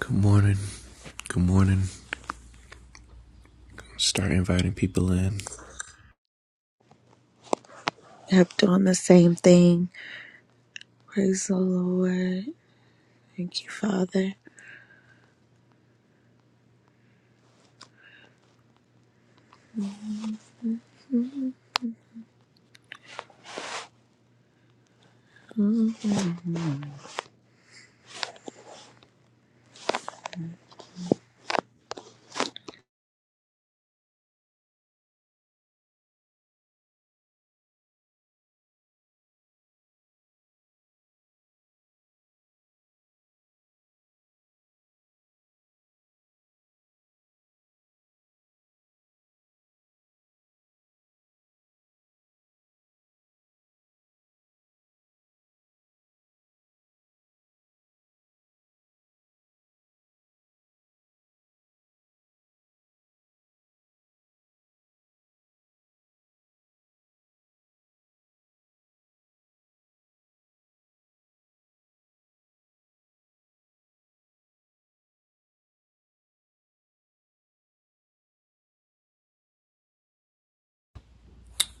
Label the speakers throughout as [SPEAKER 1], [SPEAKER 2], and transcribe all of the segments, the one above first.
[SPEAKER 1] Good morning. Good morning. Start inviting people in.
[SPEAKER 2] kept on the same thing. Praise the Lord. Thank you, Father.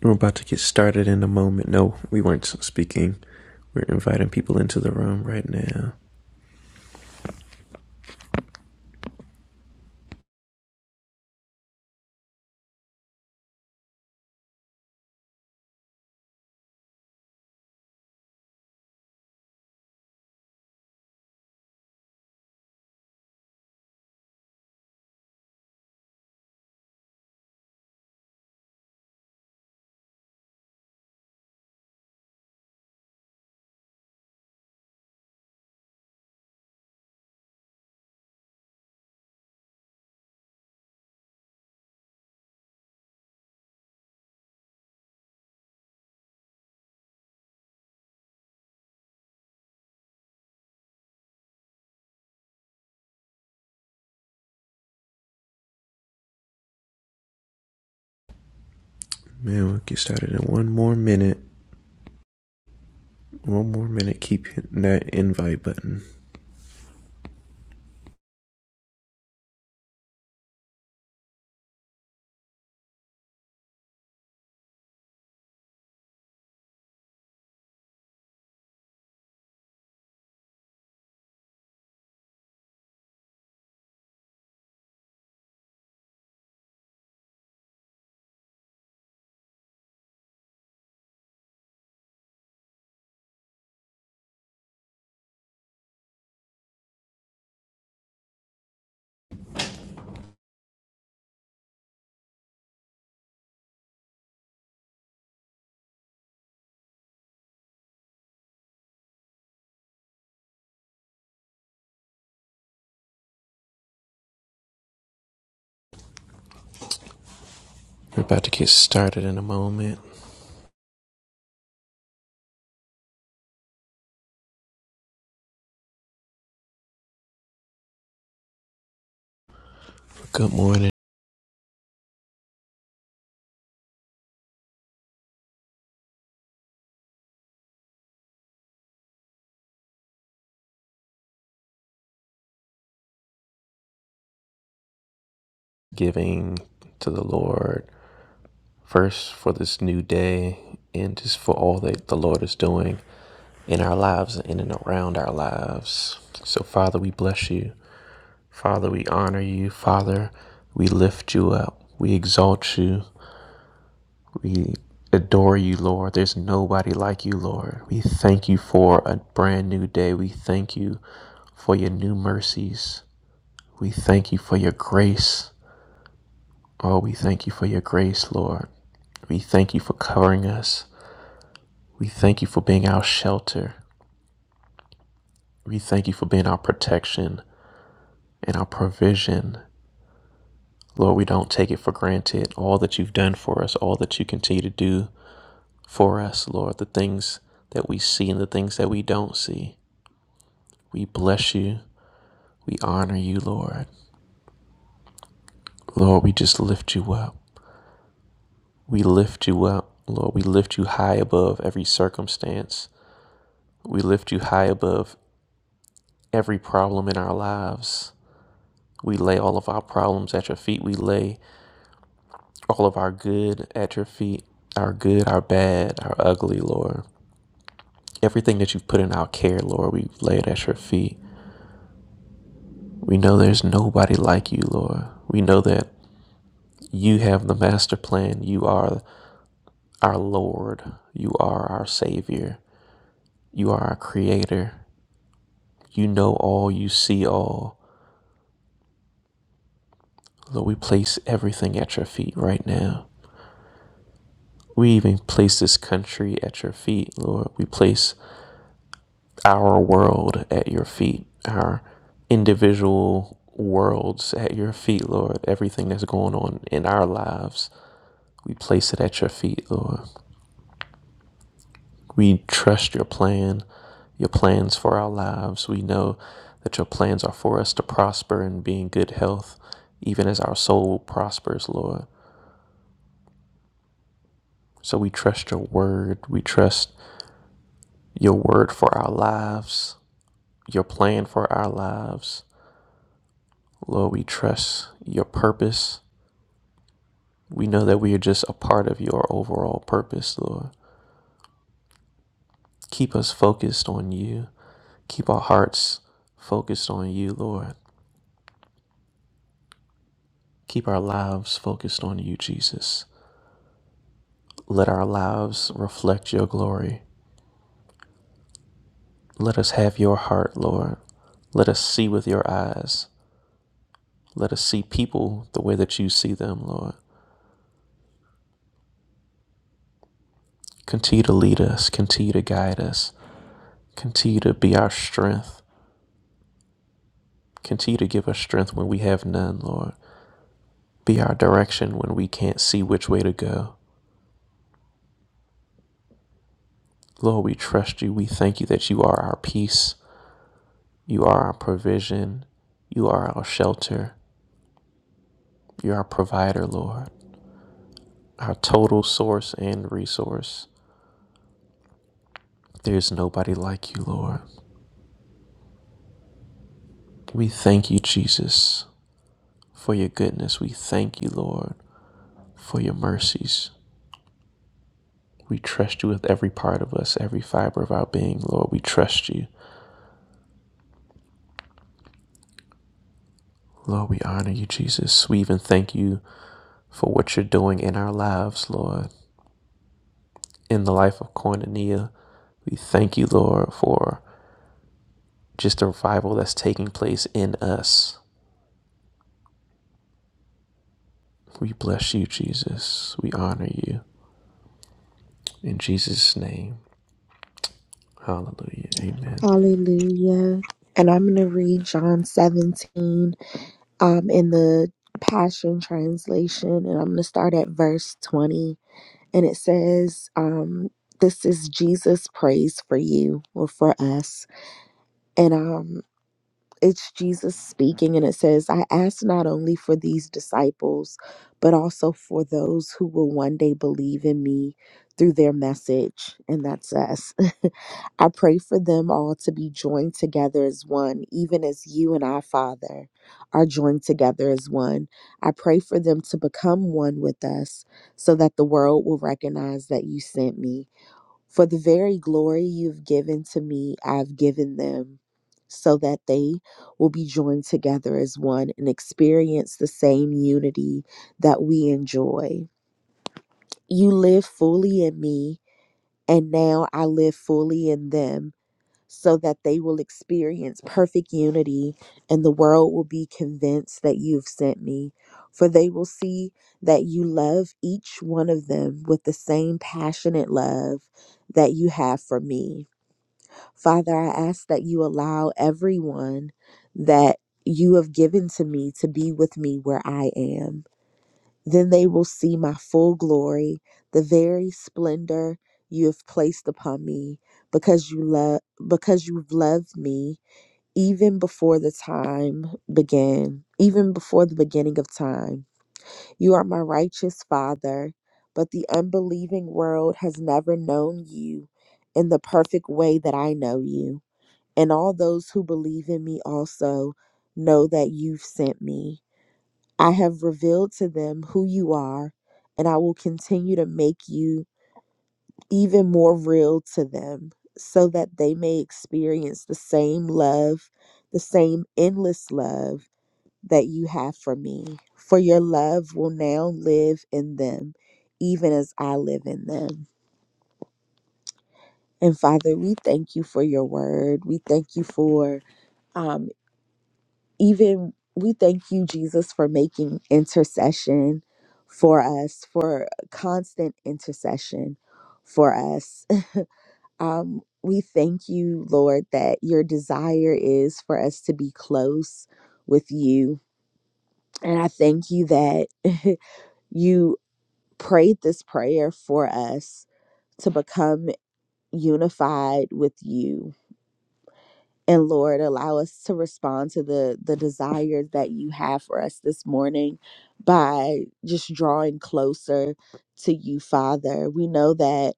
[SPEAKER 1] We're about to get started in a moment. No, we weren't speaking. We're inviting people into the room right now. Man, we'll get started in one more minute. One more minute. Keep hitting that invite button. We're about to get started in a moment. Good morning. Giving to the Lord. First, for this new day, and just for all that the Lord is doing in our lives and in and around our lives. So, Father, we bless you. Father, we honor you. Father, we lift you up. We exalt you. We adore you, Lord. There's nobody like you, Lord. We thank you for a brand new day. We thank you for your new mercies. We thank you for your grace. Oh, we thank you for your grace, Lord. We thank you for covering us. We thank you for being our shelter. We thank you for being our protection and our provision. Lord, we don't take it for granted. All that you've done for us, all that you continue to do for us, Lord, the things that we see and the things that we don't see. We bless you. We honor you, Lord. Lord, we just lift you up. We lift you up, Lord. We lift you high above every circumstance. We lift you high above every problem in our lives. We lay all of our problems at your feet. We lay all of our good at your feet, our good, our bad, our ugly, Lord. Everything that you've put in our care, Lord, we lay it at your feet. We know there's nobody like you, Lord. We know that you have the master plan. You are our Lord. You are our Savior. You are our Creator. You know all. You see all. Lord, we place everything at your feet right now. We even place this country at your feet, Lord. We place our world at your feet, our individual worlds at your feet, Lord. Everything that's going on in our lives, we place it at your feet, Lord. We trust your plan, your plans for our lives. We know that your plans are for us to prosper and be in good health, even as our soul prospers, Lord. So we trust your word. We trust your word for our lives, your plan for our lives. Lord, we trust your purpose We know that we are just a part of your overall purpose, Lord. Keep us focused on you. Keep our hearts focused on you, Lord. Keep our lives focused on you, Jesus. Let our lives reflect your glory. Let us have your heart, Lord. Let us see with your eyes. Let us see people the way that you see them, Lord. Continue to lead us, continue to guide us, continue to be our strength, continue to give us strength when we have none, Lord. Be our direction when we can't see which way to go. Lord, we trust you. We thank you that you are our peace. You are our provision. You are our shelter. You're our provider, Lord, our total source and resource. There's nobody like you, Lord. We thank you, Jesus, for your goodness. We thank you, Lord, for your mercies. We trust you with every part of us, every fiber of our being, Lord. We trust you. Lord, we honor you, Jesus. We even thank you for what you're doing in our lives, Lord, in the life of Cornelia. We thank you, Lord, for just the revival that's taking place in us. We bless you, Jesus. We honor you. In Jesus' name, hallelujah. Amen.
[SPEAKER 2] Hallelujah. And I'm going to read John 17 um, in the Passion Translation, and I'm going to start at verse 20. And it says, um, This is Jesus' praise for you or for us. And um, it's Jesus speaking, and it says, I ask not only for these disciples, but also for those who will one day believe in me through their message. And that's us. I pray for them all to be joined together as one, even as you and I, Father, are joined together as one. I pray for them to become one with us so that the world will recognize that you sent me. For the very glory you've given to me, I've given them, so that they will be joined together as one and experience the same unity that we enjoy. You live fully in me, and now I live fully in them, so that they will experience perfect unity, and the world will be convinced that you've sent me. For they will see that you love each one of them with the same passionate love that you have for me. Father, I ask that you allow everyone that you have given to me to be with me where I am. Then they will see my full glory, the very splendor you have placed upon me, because you love because you've loved me even before the time began, even before the beginning of time. You are my righteous father, but the unbelieving world has never known you in the perfect way that I know you and all those who believe in me also know that you've sent me. I have revealed to them who you are, and I will continue to make you even more real to them so that they may experience the same love, the same endless love that you have for me. For your love will now live in them, even as I live in them. And Father, we thank you for your word. We thank you for um. even we thank you, Jesus, for making intercession for us, for constant intercession for us. Um, we thank you, Lord, that your desire is for us to be close with you. And I thank you that you prayed this prayer for us to become unified with you and lord allow us to respond to the the desires that you have for us this morning by just drawing closer to you father we know that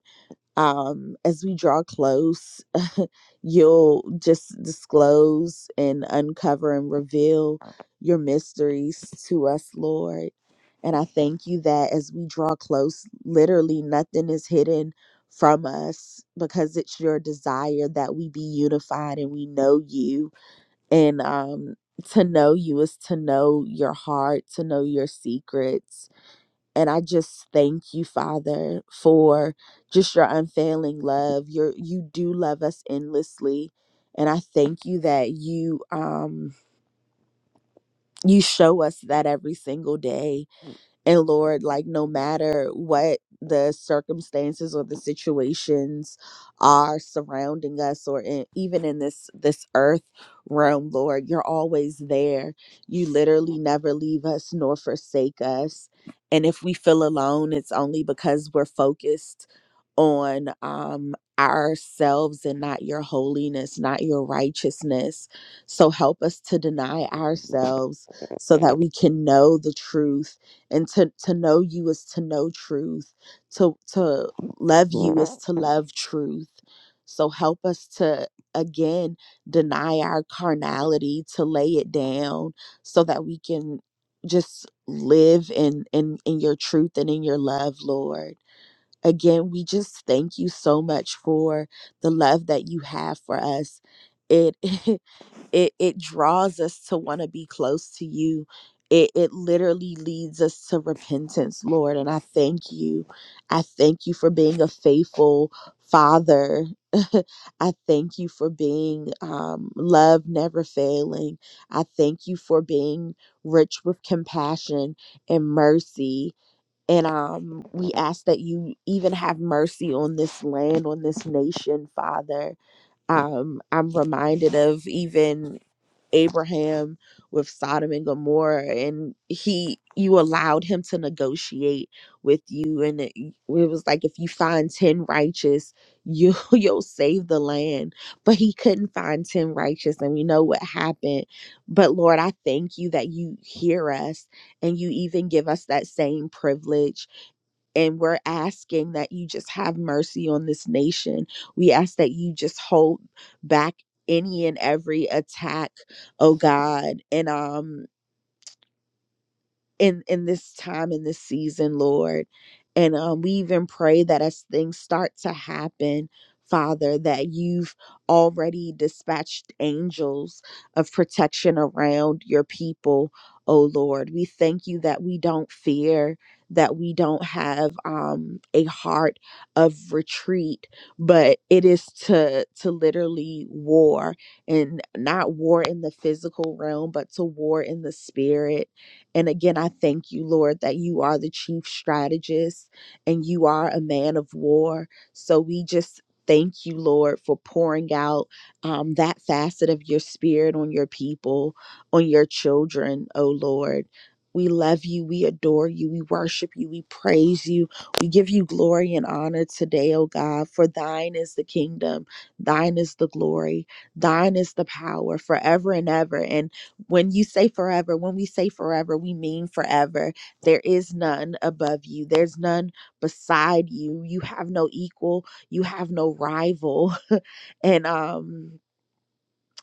[SPEAKER 2] um, as we draw close, you'll just disclose and uncover and reveal your mysteries to us, Lord. And I thank you that as we draw close, literally nothing is hidden from us because it's your desire that we be unified and we know you. And um, to know you is to know your heart, to know your secrets and I just thank you, Father, for just your unfailing love. Your you do love us endlessly, and I thank you that you um you show us that every single day and Lord, like no matter what the circumstances or the situations are surrounding us or in, even in this this earth realm, Lord, you're always there. You literally never leave us nor forsake us. And if we feel alone, it's only because we're focused on um ourselves and not your holiness, not your righteousness. So help us to deny ourselves so that we can know the truth and to to know you is to know truth to to love you is to love truth so help us to again deny our carnality to lay it down so that we can just live in in in your truth and in your love lord Again, we just thank you so much for the love that you have for us. It it it draws us to want to be close to you it it literally leads us to repentance lord and i thank you i thank you for being a faithful father i thank you for being um, love never failing i thank you for being rich with compassion and mercy and um, we ask that you even have mercy on this land, on this nation, Father. Um, I'm reminded of even Abraham with Sodom and Gomorrah, and he, you allowed him to negotiate with you, and it, it was like if you find ten righteous, you you'll save the land. But he couldn't find ten righteous, and we know what happened. But Lord, I thank you that you hear us, and you even give us that same privilege and we're asking that you just have mercy on this nation. We ask that you just hold back any and every attack, oh God. And um in in this time in this season lord and um, we even pray that as things start to happen father that you've already dispatched angels of protection around your people oh lord we thank you that we don't fear that we don't have um, a heart of retreat but it is to to literally war and not war in the physical realm but to war in the spirit and again, I thank you, Lord, that you are the chief strategist and you are a man of war. So we just thank you, Lord, for pouring out um, that facet of your spirit on your people, on your children, oh Lord. We love you. We adore you. We worship you. We praise you. We give you glory and honor today, O God, for thine is the kingdom, thine is the glory, thine is the power forever and ever. And when you say forever, when we say forever, we mean forever. There is none above you, there's none beside you. You have no equal, you have no rival. and um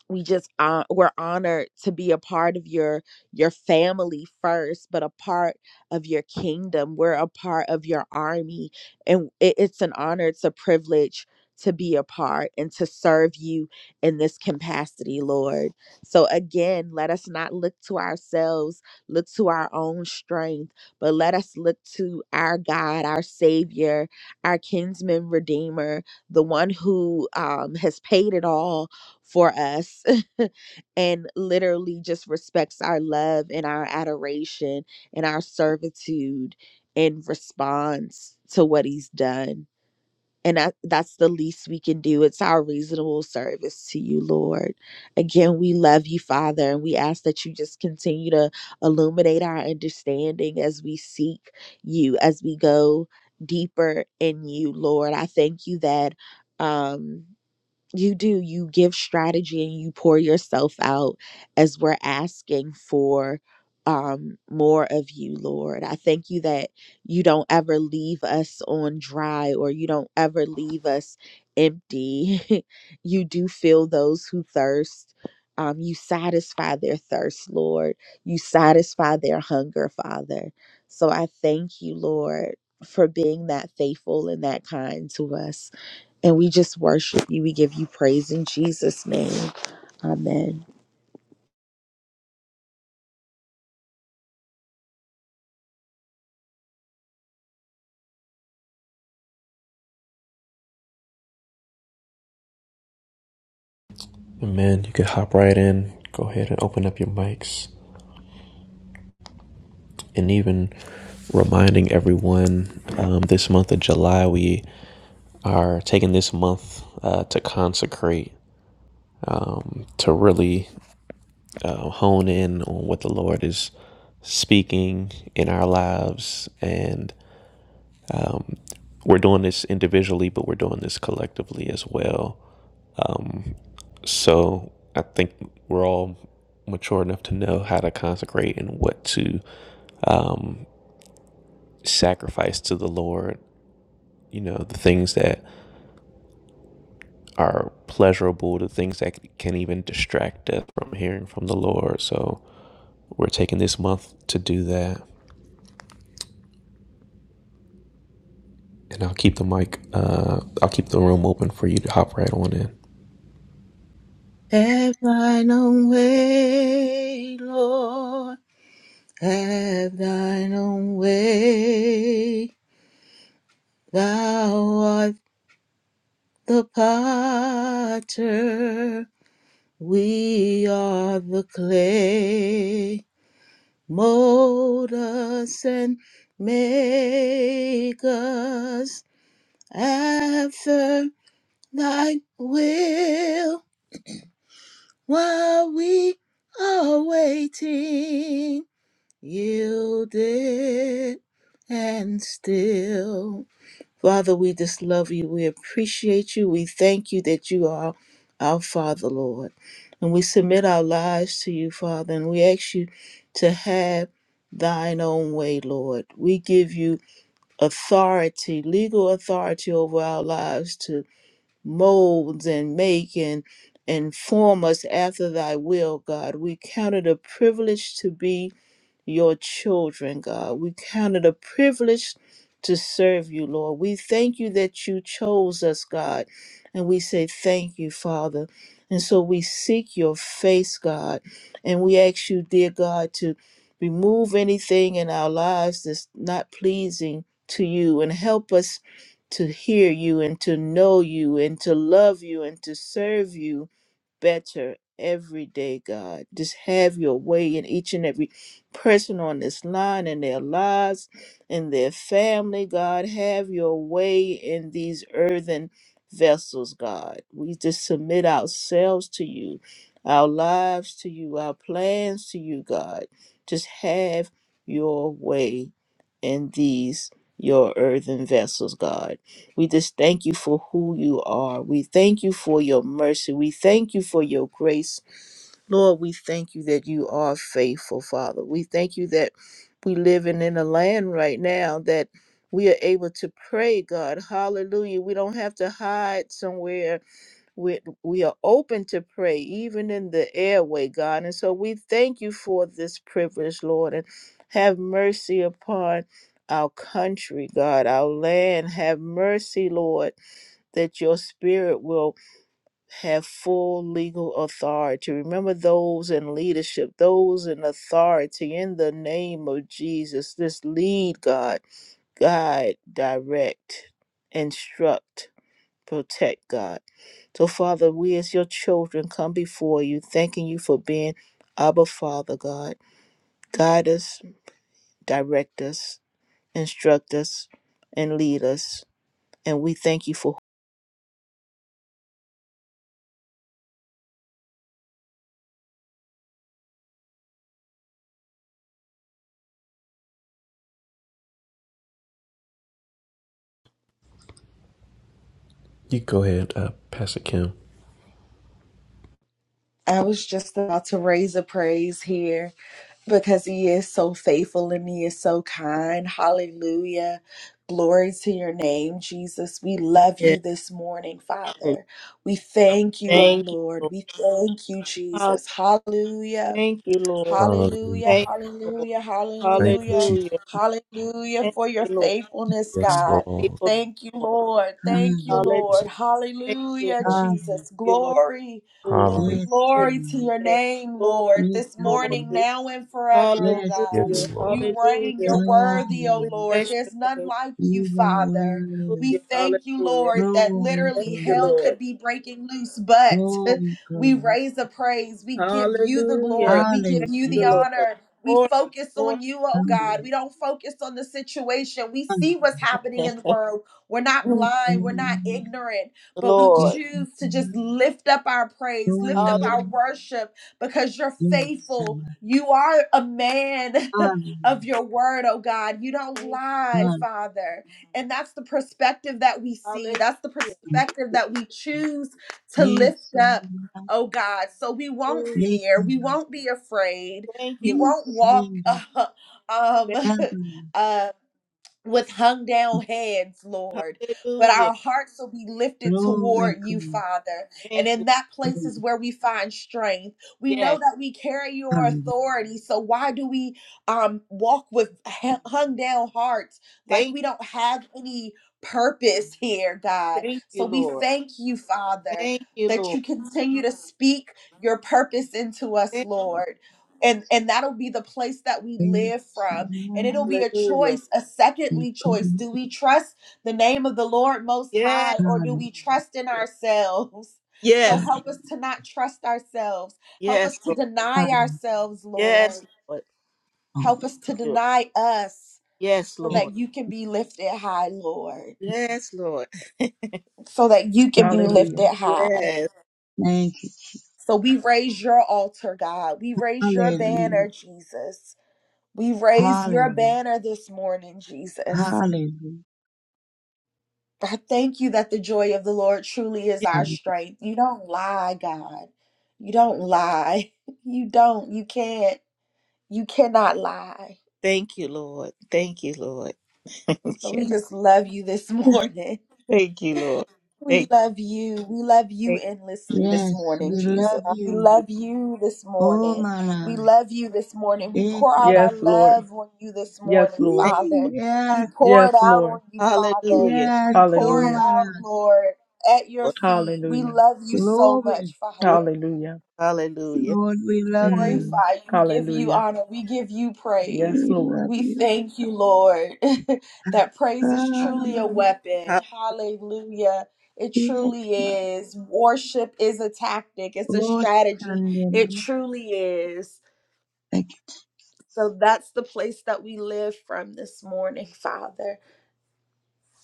[SPEAKER 2] we just uh, we're honored to be a part of your your family first but a part of your kingdom we're a part of your army and it, it's an honor it's a privilege to be a part and to serve you in this capacity lord so again let us not look to ourselves look to our own strength but let us look to our god our savior our kinsman redeemer the one who um, has paid it all for us and literally just respects our love and our adoration and our servitude in response to what he's done. And that, that's the least we can do. It's our reasonable service to you, Lord. Again, we love you, Father, and we ask that you just continue to illuminate our understanding as we seek you, as we go deeper in you, Lord. I thank you that. Um, you do. You give strategy and you pour yourself out as we're asking for um, more of you, Lord. I thank you that you don't ever leave us on dry or you don't ever leave us empty. you do fill those who thirst. Um, you satisfy their thirst, Lord. You satisfy their hunger, Father. So I thank you, Lord, for being that faithful and that kind to us. And we just worship you. We give you praise in Jesus' name. Amen.
[SPEAKER 1] Amen. You can hop right in. Go ahead and open up your mics. And even reminding everyone um, this month of July, we are taking this month uh, to consecrate, to really uh, hone in on what the Lord is speaking in our lives. And we're doing this individually, but we're doing this collectively as well. So I think we're all mature enough to know how to consecrate and what to sacrifice to the Lord. You know, the things that are pleasurable, the things that can even distract us from hearing from the Lord. So we're taking this month to do that. And I'll keep the mic, uh, I'll keep the room open for you to hop right on in.
[SPEAKER 3] Have thine own way, Lord. Have thine own way. Thou art the potter. We are the clay. Mold us and make us after thy will while we are waiting yielded and still. Father, we just love you. We appreciate you. We thank you that you are our Father, Lord. And we submit our lives to you, Father, and we ask you to have thine own way, Lord. We give you authority, legal authority over our lives to mold and make and and form us after thy will, God. We count it a privilege to be your children, God. We count it a privilege to serve you, Lord. We thank you that you chose us, God. And we say thank you, Father. And so we seek your face, God. And we ask you, dear God, to remove anything in our lives that's not pleasing to you and help us to hear you and to know you and to love you and to serve you better every day, God. Just have your way in each and every person on this line in their lives in their family, God. Have your way in these earthen vessels, God. We just submit ourselves to you, our lives to you, our plans to you, God. Just have your way in these your earthen vessels, God. We just thank you for who you are. We thank you for your mercy. We thank you for your grace. Lord, we thank you that you are faithful, Father. We thank you that we live in in a land right now that we are able to pray, God. Hallelujah. We don't have to hide somewhere we we are open to pray even in the airway god and so we thank you for this privilege lord and have mercy upon our country god our land have mercy lord that your spirit will have full legal authority remember those in leadership those in authority in the name of jesus this lead god guide direct instruct protect, God. So, Father, we as your children come before you, thanking you for being Abba Father, God. Guide us, direct us, instruct us, and lead us. And we thank you for
[SPEAKER 1] You go ahead, uh, Pastor Kim.
[SPEAKER 2] I was just about to raise a praise here because he is so faithful and he is so kind. Hallelujah. Glory to your name, Jesus. We love you
[SPEAKER 3] Yes,
[SPEAKER 2] this morning, Father. We thank you, O
[SPEAKER 3] thank you,
[SPEAKER 2] Lord.
[SPEAKER 3] Lord.
[SPEAKER 2] We thank you,
[SPEAKER 3] Hall-
[SPEAKER 2] Jesus. Hallelujah.
[SPEAKER 3] Thank you, Lord.
[SPEAKER 2] Hallelujah,
[SPEAKER 1] Hallelujah.
[SPEAKER 3] Thank you, Lord.
[SPEAKER 2] hallelujah,
[SPEAKER 1] Thank you,
[SPEAKER 2] hallelujah,
[SPEAKER 1] Jesus.
[SPEAKER 3] Hallelujah.
[SPEAKER 2] hallelujah
[SPEAKER 3] Thank
[SPEAKER 2] for your
[SPEAKER 3] you, Lord.
[SPEAKER 2] faithfulness,
[SPEAKER 1] Yes,
[SPEAKER 4] Hallelujah.
[SPEAKER 3] You're
[SPEAKER 2] God.
[SPEAKER 1] Lord.
[SPEAKER 3] faithful,
[SPEAKER 2] Thank you,
[SPEAKER 3] Lord.
[SPEAKER 2] Lord. Thank you,
[SPEAKER 3] Hallelujah.
[SPEAKER 2] Lord.
[SPEAKER 3] Thank you,
[SPEAKER 2] Hallelujah,
[SPEAKER 3] Lord.
[SPEAKER 4] Hallelujah.
[SPEAKER 2] Jesus.
[SPEAKER 3] You, Lord.
[SPEAKER 2] Glory,
[SPEAKER 3] Hallelujah.
[SPEAKER 2] glory,
[SPEAKER 1] Hallelujah.
[SPEAKER 4] Yes,
[SPEAKER 3] Glory to
[SPEAKER 2] glory to
[SPEAKER 4] Lord.
[SPEAKER 2] your
[SPEAKER 3] your name.
[SPEAKER 2] name,
[SPEAKER 3] Lord,
[SPEAKER 2] Lord.
[SPEAKER 4] You
[SPEAKER 2] This
[SPEAKER 4] come,
[SPEAKER 2] morning,
[SPEAKER 4] Lord.
[SPEAKER 3] glory.
[SPEAKER 2] now and forever, oh
[SPEAKER 4] Yes,
[SPEAKER 2] God.
[SPEAKER 3] Hallelujah.
[SPEAKER 1] Yes,
[SPEAKER 4] Lord.
[SPEAKER 1] Lord.
[SPEAKER 2] You reign, you're
[SPEAKER 3] Hallelujah.
[SPEAKER 2] worthy, oh
[SPEAKER 3] We
[SPEAKER 4] Hallelujah.
[SPEAKER 2] Lord.
[SPEAKER 3] bless
[SPEAKER 2] There's
[SPEAKER 3] your
[SPEAKER 2] none
[SPEAKER 3] name.
[SPEAKER 2] like
[SPEAKER 4] You
[SPEAKER 2] you,
[SPEAKER 4] are
[SPEAKER 2] Father.
[SPEAKER 4] worthy.
[SPEAKER 2] We
[SPEAKER 3] Hallelujah.
[SPEAKER 2] thank you,
[SPEAKER 3] Hallelujah.
[SPEAKER 2] Lord, that
[SPEAKER 4] Glory,
[SPEAKER 3] Thank
[SPEAKER 2] literally
[SPEAKER 3] you,
[SPEAKER 4] glory,
[SPEAKER 2] hell
[SPEAKER 3] Lord.
[SPEAKER 2] could be breaking loose, but
[SPEAKER 4] glory,
[SPEAKER 2] We
[SPEAKER 4] glory.
[SPEAKER 2] raise the praise. We give you the
[SPEAKER 3] Hallelujah.
[SPEAKER 2] glory. We give
[SPEAKER 3] Thank
[SPEAKER 2] you the
[SPEAKER 3] you,
[SPEAKER 4] Hallelujah.
[SPEAKER 3] Lord.
[SPEAKER 2] honor. We
[SPEAKER 3] Lord,
[SPEAKER 2] focus on you, oh God. We
[SPEAKER 4] Hallelujah.
[SPEAKER 2] don't focus on the situation. We see what's happening in the world. We're not
[SPEAKER 3] glory.
[SPEAKER 2] blind. We're not
[SPEAKER 4] Hallelujah.
[SPEAKER 2] ignorant, but we
[SPEAKER 3] Lord.
[SPEAKER 4] Yes,
[SPEAKER 2] choose to just
[SPEAKER 4] Lord.
[SPEAKER 2] lift up our praise, lift up
[SPEAKER 3] Hallelujah.
[SPEAKER 2] our
[SPEAKER 4] Wonderful.
[SPEAKER 2] worship because you're
[SPEAKER 4] Yes,
[SPEAKER 2] faithful.
[SPEAKER 4] Lord.
[SPEAKER 2] You are a man of
[SPEAKER 4] Hallelujah.
[SPEAKER 2] your word, oh God. You don't lie,
[SPEAKER 4] Hallelujah.
[SPEAKER 2] Father. And that's the perspective that we
[SPEAKER 3] Hallelujah.
[SPEAKER 2] see. That's the perspective that we choose to
[SPEAKER 4] Yes,
[SPEAKER 2] lift up
[SPEAKER 4] Lord.
[SPEAKER 2] oh God. So we won't
[SPEAKER 3] Hallelujah.
[SPEAKER 4] Yes,
[SPEAKER 2] fear, we
[SPEAKER 4] Lord.
[SPEAKER 2] won't be afraid,
[SPEAKER 3] Thank
[SPEAKER 2] we
[SPEAKER 3] you, Lord.
[SPEAKER 4] We
[SPEAKER 2] won't walk
[SPEAKER 4] sing it.
[SPEAKER 2] um,
[SPEAKER 3] Thank,
[SPEAKER 4] Glory,
[SPEAKER 2] uh, with hung down heads, Lord, but
[SPEAKER 3] hallelujah.
[SPEAKER 2] our hearts will be lifted
[SPEAKER 4] glory,
[SPEAKER 2] toward you, Father. And
[SPEAKER 3] Thank
[SPEAKER 2] in
[SPEAKER 3] you.
[SPEAKER 2] that place
[SPEAKER 4] glory.
[SPEAKER 2] is where we find strength. We know
[SPEAKER 3] Yes.
[SPEAKER 2] that we carry your
[SPEAKER 4] Hallelujah.
[SPEAKER 2] authority, so why do we um, walk with hu- hung down hearts like
[SPEAKER 3] Thank
[SPEAKER 2] we don't have any purpose here,
[SPEAKER 3] you.
[SPEAKER 2] God?
[SPEAKER 3] Thank
[SPEAKER 2] So
[SPEAKER 3] you,
[SPEAKER 2] we
[SPEAKER 3] Lord.
[SPEAKER 2] thank you, Father,
[SPEAKER 3] Thank you,
[SPEAKER 2] that
[SPEAKER 3] Lord.
[SPEAKER 2] you continue to speak your purpose into us,
[SPEAKER 3] Thank,
[SPEAKER 2] Lord. And, and that'll be the place that we live from and it'll be a
[SPEAKER 3] hallelujah.
[SPEAKER 2] choice, a secondly choice. Do we trust the name of the Lord Most High
[SPEAKER 3] Yes.
[SPEAKER 2] or do we trust in
[SPEAKER 3] Yes.
[SPEAKER 2] ourselves? So
[SPEAKER 3] Yes,
[SPEAKER 2] help us to not trust ourselves. Help us
[SPEAKER 3] yes,
[SPEAKER 2] to
[SPEAKER 3] Lord.
[SPEAKER 2] deny ourselves, Lord.
[SPEAKER 3] Yes, Lord.
[SPEAKER 2] Help us to
[SPEAKER 3] You-
[SPEAKER 2] deny us
[SPEAKER 3] Yes,
[SPEAKER 2] so
[SPEAKER 4] Yes,
[SPEAKER 3] Lord.
[SPEAKER 2] that you can be lifted high, Lord.
[SPEAKER 3] Yes, Lord.
[SPEAKER 2] So that you can be
[SPEAKER 5] Hallelujah.
[SPEAKER 2] lifted high.
[SPEAKER 3] Yes.
[SPEAKER 4] Thank you.
[SPEAKER 2] So we raise your altar, God. We raise your
[SPEAKER 4] Hallelujah.
[SPEAKER 2] banner, Jesus. We raise your
[SPEAKER 4] Hallelujah.
[SPEAKER 2] banner this morning, Jesus.
[SPEAKER 4] Hallelujah.
[SPEAKER 2] I thank you that the joy of the Lord truly is our
[SPEAKER 4] Hallelujah.
[SPEAKER 2] strength. You don't lie, God. You don't lie. You don't. You can't. You cannot lie.
[SPEAKER 3] Thank you, Lord. Thank you, Lord. We
[SPEAKER 2] So we
[SPEAKER 3] cannot-
[SPEAKER 2] just love you this morning.
[SPEAKER 3] Thank you, Lord.
[SPEAKER 2] We
[SPEAKER 3] Thank you.
[SPEAKER 2] love you. We love you
[SPEAKER 3] Thank
[SPEAKER 2] endlessly this
[SPEAKER 4] Yes,
[SPEAKER 2] morning,
[SPEAKER 4] we
[SPEAKER 2] Jesus.
[SPEAKER 4] love
[SPEAKER 2] We
[SPEAKER 4] you.
[SPEAKER 3] you.
[SPEAKER 2] love you this
[SPEAKER 4] Oh,
[SPEAKER 2] morning.
[SPEAKER 4] my
[SPEAKER 2] We
[SPEAKER 4] Lord.
[SPEAKER 2] love you this morning. We
[SPEAKER 4] Thank
[SPEAKER 2] pour out
[SPEAKER 4] you.
[SPEAKER 2] our
[SPEAKER 5] Yes, Lord.
[SPEAKER 2] love on you this
[SPEAKER 5] Yes,
[SPEAKER 2] morning,
[SPEAKER 5] Lord.
[SPEAKER 3] Thank you.
[SPEAKER 2] Father. We
[SPEAKER 4] Yes,
[SPEAKER 2] pour
[SPEAKER 5] Yes,
[SPEAKER 2] it out
[SPEAKER 5] Lord.
[SPEAKER 2] on you, Father.
[SPEAKER 3] Hallelujah.
[SPEAKER 4] yes.
[SPEAKER 2] We pour
[SPEAKER 4] Oh,
[SPEAKER 2] it
[SPEAKER 5] Hallelujah.
[SPEAKER 4] my
[SPEAKER 2] out,
[SPEAKER 4] Lord.
[SPEAKER 2] Lord, at your
[SPEAKER 3] Lord.
[SPEAKER 2] feet. We
[SPEAKER 5] Hallelujah.
[SPEAKER 2] love you so
[SPEAKER 4] Glory.
[SPEAKER 2] much, Father
[SPEAKER 5] Hallelujah.
[SPEAKER 3] Hallelujah.
[SPEAKER 4] Lord, we love you.
[SPEAKER 5] Mm.
[SPEAKER 2] glorify you. We give you
[SPEAKER 5] Hallelujah.
[SPEAKER 2] honor. We give you
[SPEAKER 5] Yes,
[SPEAKER 2] praise.
[SPEAKER 4] We love
[SPEAKER 5] Lord.
[SPEAKER 2] We
[SPEAKER 4] you.
[SPEAKER 2] thank you, Lord, that
[SPEAKER 4] Ah,
[SPEAKER 2] praise is truly
[SPEAKER 4] my
[SPEAKER 2] a
[SPEAKER 4] Lord.
[SPEAKER 2] weapon. Hallelujah. It
[SPEAKER 4] Yes,
[SPEAKER 2] truly
[SPEAKER 4] my
[SPEAKER 2] is. Worship is a tactic, it's a
[SPEAKER 4] Lord. Oh,
[SPEAKER 2] strategy.
[SPEAKER 4] Sunday,
[SPEAKER 2] It
[SPEAKER 4] Lord.
[SPEAKER 2] truly is.
[SPEAKER 4] Thank
[SPEAKER 2] So that's the place that we live from this morning, Father.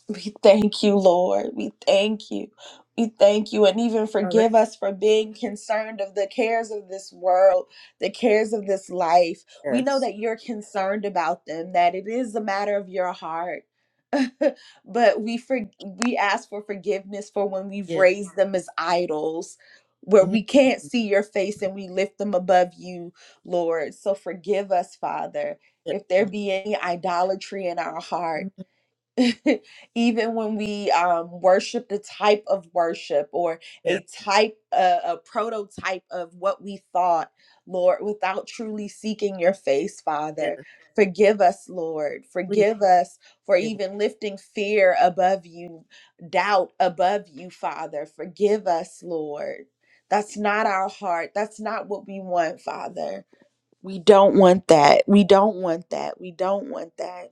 [SPEAKER 2] We thank you, Lord. We thank you. We thank you and even
[SPEAKER 3] Hallelujah.
[SPEAKER 2] forgive us for being concerned of the cares of this world, the cares of this life. We know
[SPEAKER 3] Yes.
[SPEAKER 2] that you're concerned about them, that it is a matter of your heart. but we for, we ask for forgiveness for when we've
[SPEAKER 3] Yes.
[SPEAKER 2] raised them as idols, where
[SPEAKER 3] Mhm.
[SPEAKER 2] we can't see your face and we lift them above you, Lord. So forgive us, Father,
[SPEAKER 3] Yes,
[SPEAKER 2] if there
[SPEAKER 3] Lord.
[SPEAKER 2] be any idolatry in our heart
[SPEAKER 3] Mhm.
[SPEAKER 2] even when we um, worship the type of worship or
[SPEAKER 3] Yes.
[SPEAKER 2] a type, uh, a prototype of what we thought, Lord, without truly seeking your face,
[SPEAKER 3] Yes.
[SPEAKER 2] Father. Forgive us, Lord.
[SPEAKER 3] Please
[SPEAKER 2] Forgive us for
[SPEAKER 3] give us.
[SPEAKER 2] even lifting fear above you, doubt above you, Father. Forgive us, Lord. That's not our heart. That's not what we want, Father. We don't want that. We don't want that. We don't want that.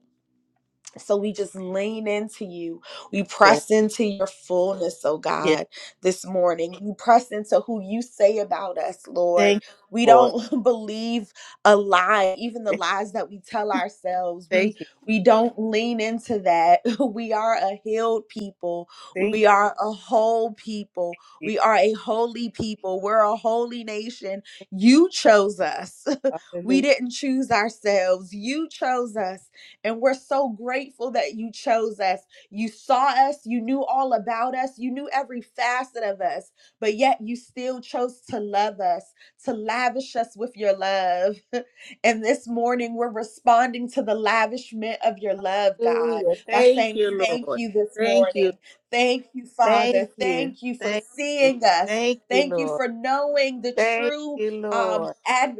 [SPEAKER 2] So we just lean into you. We
[SPEAKER 3] Yes.
[SPEAKER 2] press into your fullness, oh
[SPEAKER 3] Yes.
[SPEAKER 2] God, this morning. We press into who you say about us, Lord.
[SPEAKER 3] Thank you,
[SPEAKER 2] We
[SPEAKER 3] Lord.
[SPEAKER 2] don't believe a lie, even the lies that we tell ourselves. We
[SPEAKER 3] Thank you.
[SPEAKER 2] we don't lean into that. We are a healed people.
[SPEAKER 3] Thank
[SPEAKER 2] We
[SPEAKER 3] you.
[SPEAKER 2] are a whole people.
[SPEAKER 3] Jesus.
[SPEAKER 2] We are a holy people. We're a holy nation. You chose us. we
[SPEAKER 3] Hallelujah.
[SPEAKER 2] didn't choose ourselves. You chose us and we're so grateful that you chose us. You saw us, you knew all about us, you knew every facet of us, but yet you still chose to love us, to lavish us with your love. And this morning, we're responding to the lavishment of your love, God, by
[SPEAKER 3] Thank
[SPEAKER 2] saying
[SPEAKER 3] you,
[SPEAKER 2] thank
[SPEAKER 3] Lord.
[SPEAKER 2] you this
[SPEAKER 3] Thank you.
[SPEAKER 2] morning. Thank you, Father.
[SPEAKER 3] Thank you.
[SPEAKER 2] Thank you for
[SPEAKER 3] Thank you.
[SPEAKER 2] seeing us.
[SPEAKER 3] Thank you,
[SPEAKER 2] Thank you
[SPEAKER 3] Lord.
[SPEAKER 2] for knowing the
[SPEAKER 3] Thank
[SPEAKER 2] true
[SPEAKER 3] you,
[SPEAKER 2] um
[SPEAKER 3] Lord.
[SPEAKER 2] ad,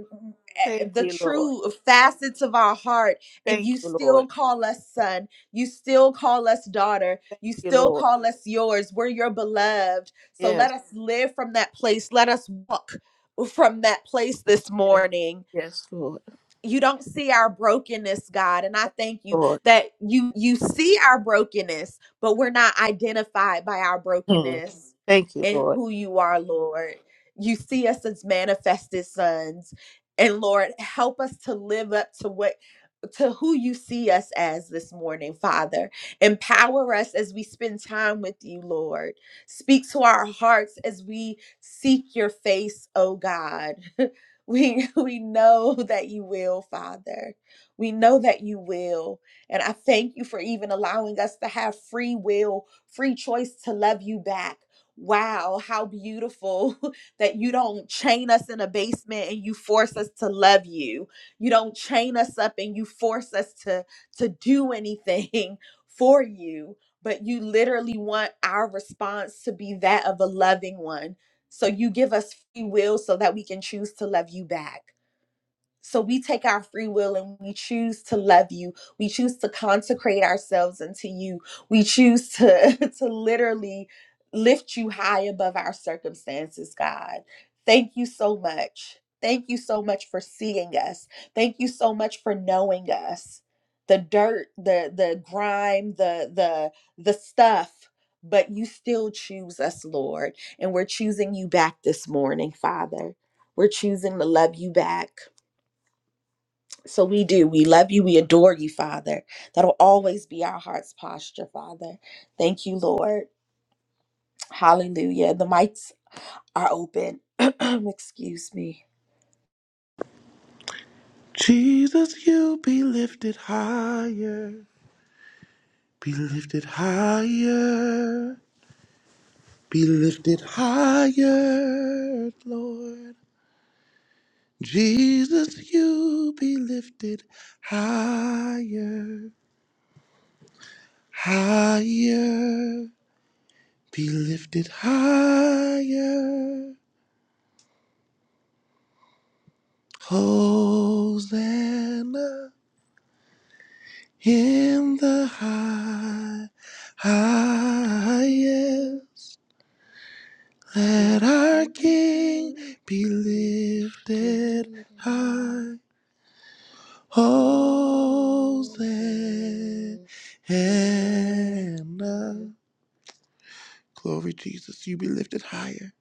[SPEAKER 2] eh,
[SPEAKER 3] Thank
[SPEAKER 2] the
[SPEAKER 3] you, Lord.
[SPEAKER 2] true facets of our heart and
[SPEAKER 3] Thank
[SPEAKER 2] you
[SPEAKER 3] you, Lord.
[SPEAKER 2] still call us son. You still call us daughter.
[SPEAKER 3] Thank
[SPEAKER 2] You
[SPEAKER 3] you,
[SPEAKER 2] still
[SPEAKER 3] Lord.
[SPEAKER 2] call us yours. We're your beloved. So let
[SPEAKER 3] Yes,
[SPEAKER 2] us live from that place. Let us walk from that place this
[SPEAKER 3] yes,
[SPEAKER 2] morning
[SPEAKER 3] yes, Lord.
[SPEAKER 2] you don't see our brokenness god and i thank you
[SPEAKER 3] Lord.
[SPEAKER 2] that you you see our brokenness but we're not identified by our
[SPEAKER 3] Mm.
[SPEAKER 2] brokenness
[SPEAKER 3] Thank you,
[SPEAKER 2] and
[SPEAKER 3] Lord.
[SPEAKER 2] who you are lord you see us as manifested sons and lord help us to live up to what to who you see us as this morning, Father. Empower us as we spend time with you, Lord. Speak to our hearts as we seek your face, oh God. We we know that you will, Father. We know that you will. And I thank you for even allowing us to have free will, free choice to love you back. Wow, how beautiful that you don't chain us in a basement and you force us to love you. You don't chain us up and you force us to to do anything for you, but you literally want our response to be that of a loving one so you give us free will so that we can choose to love you back. So we take our free will and we choose to love you. We choose to consecrate ourselves unto you. We choose to to literally lift you high above our circumstances, God. Thank you so much. Thank you so much for seeing us. Thank you so much for knowing us. The dirt, the the grime, the the the stuff, but you still choose us, Lord. And we're choosing you back this morning, Father. We're choosing to love you back. So we do. We love you. We adore you, Father. That'll always be our heart's posture, Father. Thank you, Lord. Hallelujah. The mics are open. Excuse me.
[SPEAKER 6] Jesus, you be lifted higher, be lifted higher, be lifted higher, Lord. Jesus, you be lifted higher, higher, be lifted higher. Hosanna in the high, highest. Let our King be lifted high. Hosanna. Glory, Jesus, you be lifted higher.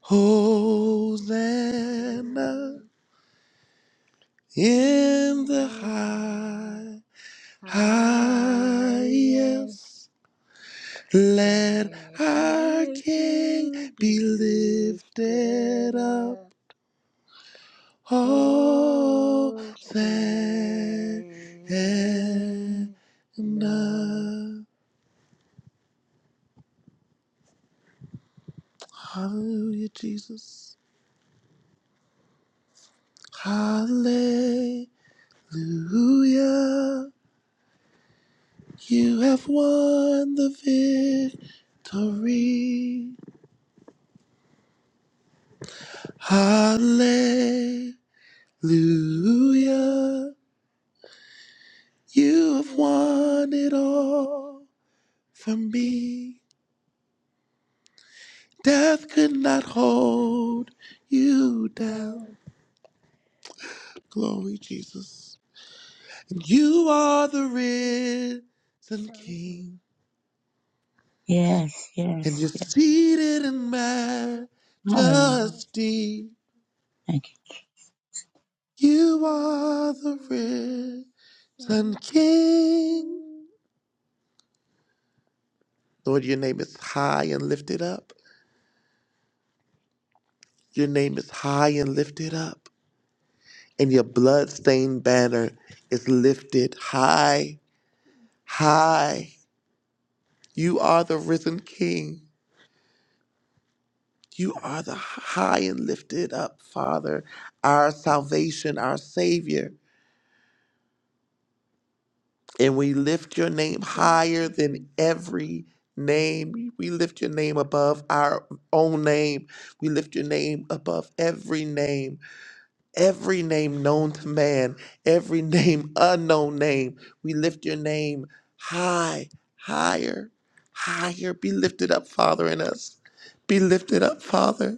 [SPEAKER 6] Hosanna in the high, highest. Let our King be lifted up. Oh, Oh, and I. Hallelujah, Jesus. Hallelujah. You have won the victory. Hallelujah. You have won it all for me. Death could not hold you down. Glory, Jesus. And you are the risen King,
[SPEAKER 4] you. Yes,
[SPEAKER 6] and you're
[SPEAKER 4] yes,
[SPEAKER 6] seated in
[SPEAKER 4] Hallelujah.
[SPEAKER 6] majesty.
[SPEAKER 4] Thank you.
[SPEAKER 6] You are the risen King. Lord, your name is high and lifted up. Your name is high and lifted up. And your blood-stained banner is lifted high, high. You are the risen King. You are the high and lifted up Father, our salvation, our Savior. And we lift your name higher than every name. We lift your name above our own name. We lift your name above every name, every name known to man, every name unknown name. We lift your name high, higher, higher. Be lifted up, Father, in us. Be lifted up, Father.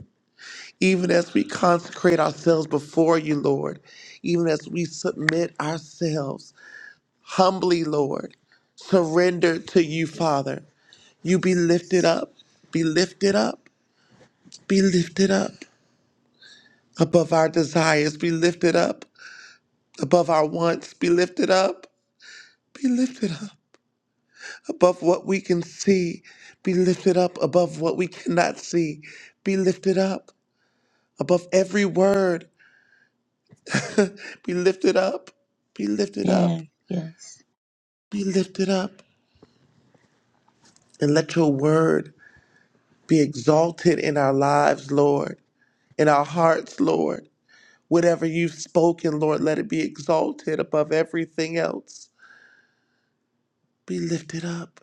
[SPEAKER 6] Even as we consecrate ourselves before you, Lord, even as we submit ourselves humbly, Lord, surrender to you, Father, you be lifted up, be lifted up, be lifted up above our desires, be lifted up above our wants, be lifted up, be lifted up above what we can see, be lifted up above what we cannot see, be lifted up above every word, be lifted up, be lifted up
[SPEAKER 4] Yes, yes,
[SPEAKER 6] be lifted up and let your word be exalted in our lives, Lord, in our hearts, Lord. Whatever you've spoken, Lord, let it be exalted above everything else. Be lifted up.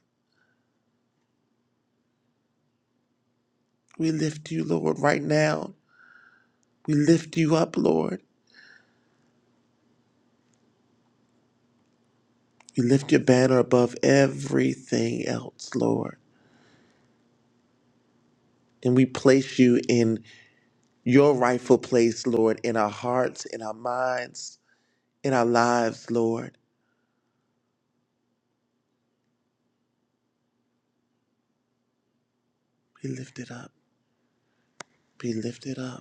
[SPEAKER 6] We lift you, Lord, right now. We lift you up, Lord. We lift your banner above everything else, Lord. And we place you in your rightful place, Lord, in our hearts, in our minds, in our lives, Lord. Be lifted up. Be lifted up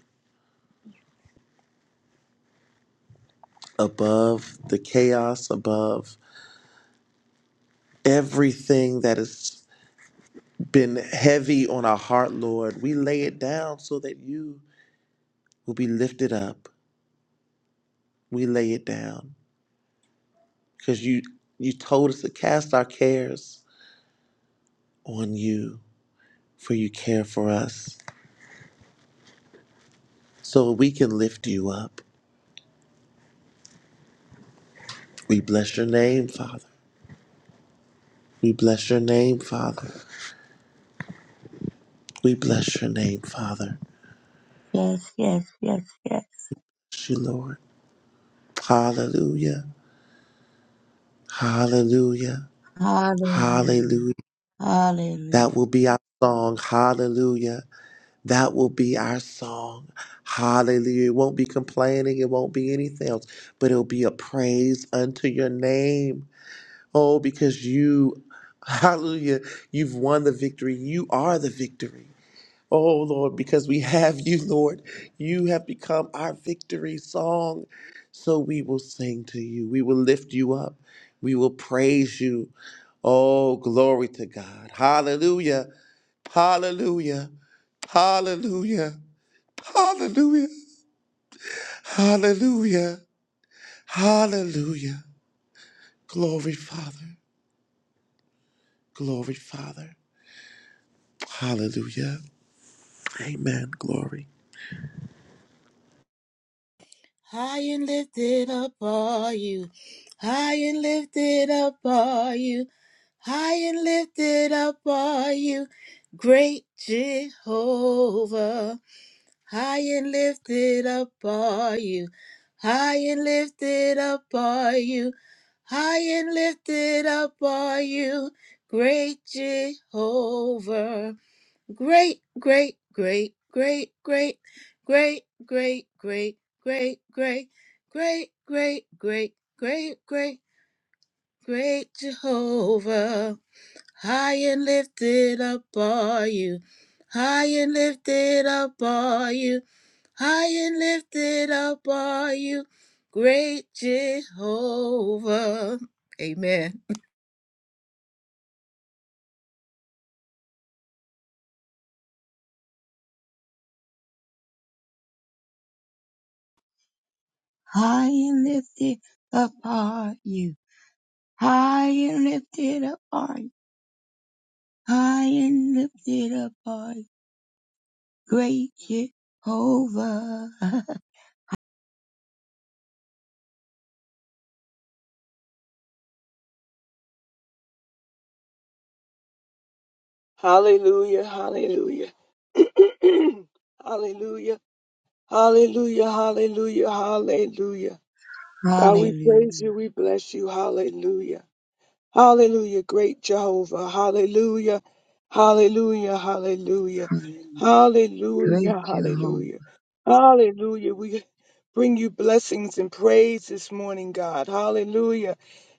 [SPEAKER 6] above the chaos, above everything that has been heavy on our heart, Lord. We lay it down so that you will be lifted up. We lay it down because you you told us to cast our cares on you, for you care for us, so we can lift you up. We bless your name, Father. We bless your name, Father. We bless your name, Father.
[SPEAKER 4] yes, yes, yes, yes.
[SPEAKER 6] Bless you, Lord. Hallelujah. Hallelujah.
[SPEAKER 4] Hallelujah.
[SPEAKER 6] Hallelujah.
[SPEAKER 4] Hallelujah.
[SPEAKER 6] That will be our song. Hallelujah. That will be our song. Hallelujah. It won't be complaining. It won't be anything else, but it'll be a praise unto your name. Oh, because you, hallelujah, you've won the victory. You are the victory. Oh, Lord, because we have you, Lord. You have become our victory song. So we will sing to you. We will lift you up. We will praise you. Oh, glory to God. Hallelujah. Hallelujah. Hallelujah. Hallelujah. Hallelujah. Hallelujah. Glory, Father. Glory, Father. Hallelujah. Amen. Glory.
[SPEAKER 3] High and lifted up are you. High and lifted up are you. High and lifted up are you. Great Jehovah. High and lifted up are you. High and lifted up are you. High and lifted up are you. Great Jehovah. Great, great, great, great, great, great, great, great, great, great, great, great, great, great, great, great Jehovah. High and lifted up are you. High and lifted up are you. High and lifted up are you, great Jehovah. Amen.
[SPEAKER 4] High and lifted up are you. High and lifted up are you. High and lifted up are you. Great Jehovah.
[SPEAKER 5] Hallelujah, hallelujah. hallelujah, hallelujah, hallelujah, hallelujah. God, we praise
[SPEAKER 4] Hallelujah.
[SPEAKER 5] you, we bless you, hallelujah. Hallelujah, great Jehovah. Hallelujah, hallelujah, hallelujah,
[SPEAKER 4] Hallelujah.
[SPEAKER 5] hallelujah,
[SPEAKER 4] Great Jehovah.
[SPEAKER 5] hallelujah, hallelujah. We bring you blessings and praise this morning, God. Hallelujah.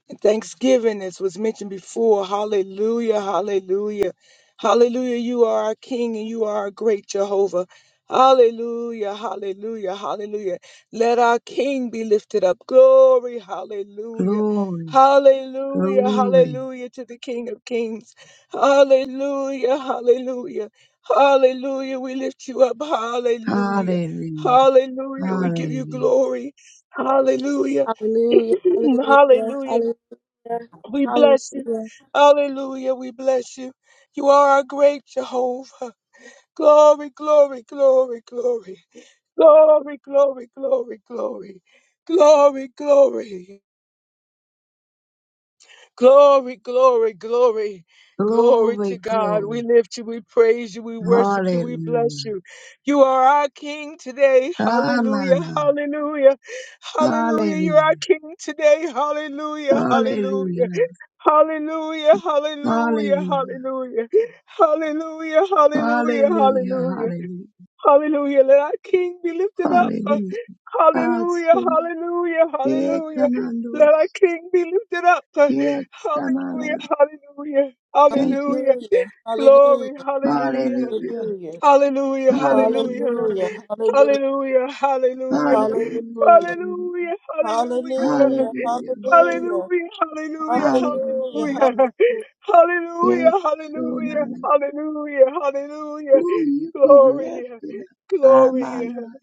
[SPEAKER 5] And Thanksgiving, as was mentioned before, hallelujah, hallelujah, hallelujah. You are our King and you are our great Jehovah. Hallelujah, hallelujah, hallelujah. Let our King be lifted up. Glory, hallelujah,
[SPEAKER 4] Glory,
[SPEAKER 5] hallelujah,
[SPEAKER 4] glory.
[SPEAKER 5] hallelujah to the King of Kings. Hallelujah, hallelujah, hallelujah. We lift you up, hallelujah,
[SPEAKER 4] Hallelujah.
[SPEAKER 5] hallelujah. We give you
[SPEAKER 4] Hallelujah.
[SPEAKER 5] glory, hallelujah.
[SPEAKER 2] Hallelujah, hallelujah,
[SPEAKER 5] Hallelujah.
[SPEAKER 2] hallelujah,
[SPEAKER 5] We bless you.
[SPEAKER 2] hallelujah.
[SPEAKER 5] Hallelujah. We bless you. You are our great Jehovah. Glory, glory, glory, glory. Glory, glory, glory, glory. Glory, glory. Glory, glory, glory. Glory to
[SPEAKER 4] Glory,
[SPEAKER 5] God. We
[SPEAKER 4] glory.
[SPEAKER 5] lift you. We praise you. We worship you. We
[SPEAKER 4] Hallelujah.
[SPEAKER 5] bless you. You are our King today. Hallelujah.
[SPEAKER 4] Amana.
[SPEAKER 5] Hallelujah. Hallelujah. You're our
[SPEAKER 4] Hallelujah.
[SPEAKER 5] King today. Hallelujah. Hallelujah.
[SPEAKER 4] Hallelujah.
[SPEAKER 5] Hallelujah, hallelujah,
[SPEAKER 4] Hallelujah.
[SPEAKER 5] hallelujah, hallelujah, hallelujah,
[SPEAKER 4] Hallelujah.
[SPEAKER 5] hallelujah,
[SPEAKER 4] Hallelujah.
[SPEAKER 5] hallelujah. Let our King be lifted up.
[SPEAKER 4] Hallelujah.
[SPEAKER 5] Hallelujah,
[SPEAKER 4] Awesome.
[SPEAKER 5] hallelujah,
[SPEAKER 4] Here
[SPEAKER 5] hallelujah. Let our
[SPEAKER 4] commandos.
[SPEAKER 5] King be lifted up.
[SPEAKER 4] Yes, Amana.
[SPEAKER 5] Hallelujah, hallelujah,
[SPEAKER 4] Thank you.
[SPEAKER 5] hallelujah.
[SPEAKER 3] Hallelujah,
[SPEAKER 5] Glory,
[SPEAKER 3] hallelujah,
[SPEAKER 5] hallelujah,
[SPEAKER 4] Hallelujah.
[SPEAKER 3] hallelujah,
[SPEAKER 5] hallelujah, hallelujah,
[SPEAKER 4] Hallelujah.
[SPEAKER 3] hallelujah, hallelujah,
[SPEAKER 5] hallelujah, hallelujah,
[SPEAKER 4] Hallelujah.
[SPEAKER 3] hallelujah,
[SPEAKER 4] Hallelujah.
[SPEAKER 5] hallelujah, hallelujah.
[SPEAKER 3] hallelujah,
[SPEAKER 4] Hallelujah.
[SPEAKER 3] hallelujah,
[SPEAKER 5] Hallelujah, hallelujah,
[SPEAKER 3] hallelujah,
[SPEAKER 4] Hallelujah.
[SPEAKER 5] hallelujah,
[SPEAKER 4] Yes,
[SPEAKER 5] hallelujah,
[SPEAKER 4] so
[SPEAKER 5] hallelujah,
[SPEAKER 4] Amana.
[SPEAKER 5] hallelujah, hallelujah,
[SPEAKER 4] Ooh, you be
[SPEAKER 5] glory,
[SPEAKER 4] lifted up.
[SPEAKER 5] glory,
[SPEAKER 4] Amana.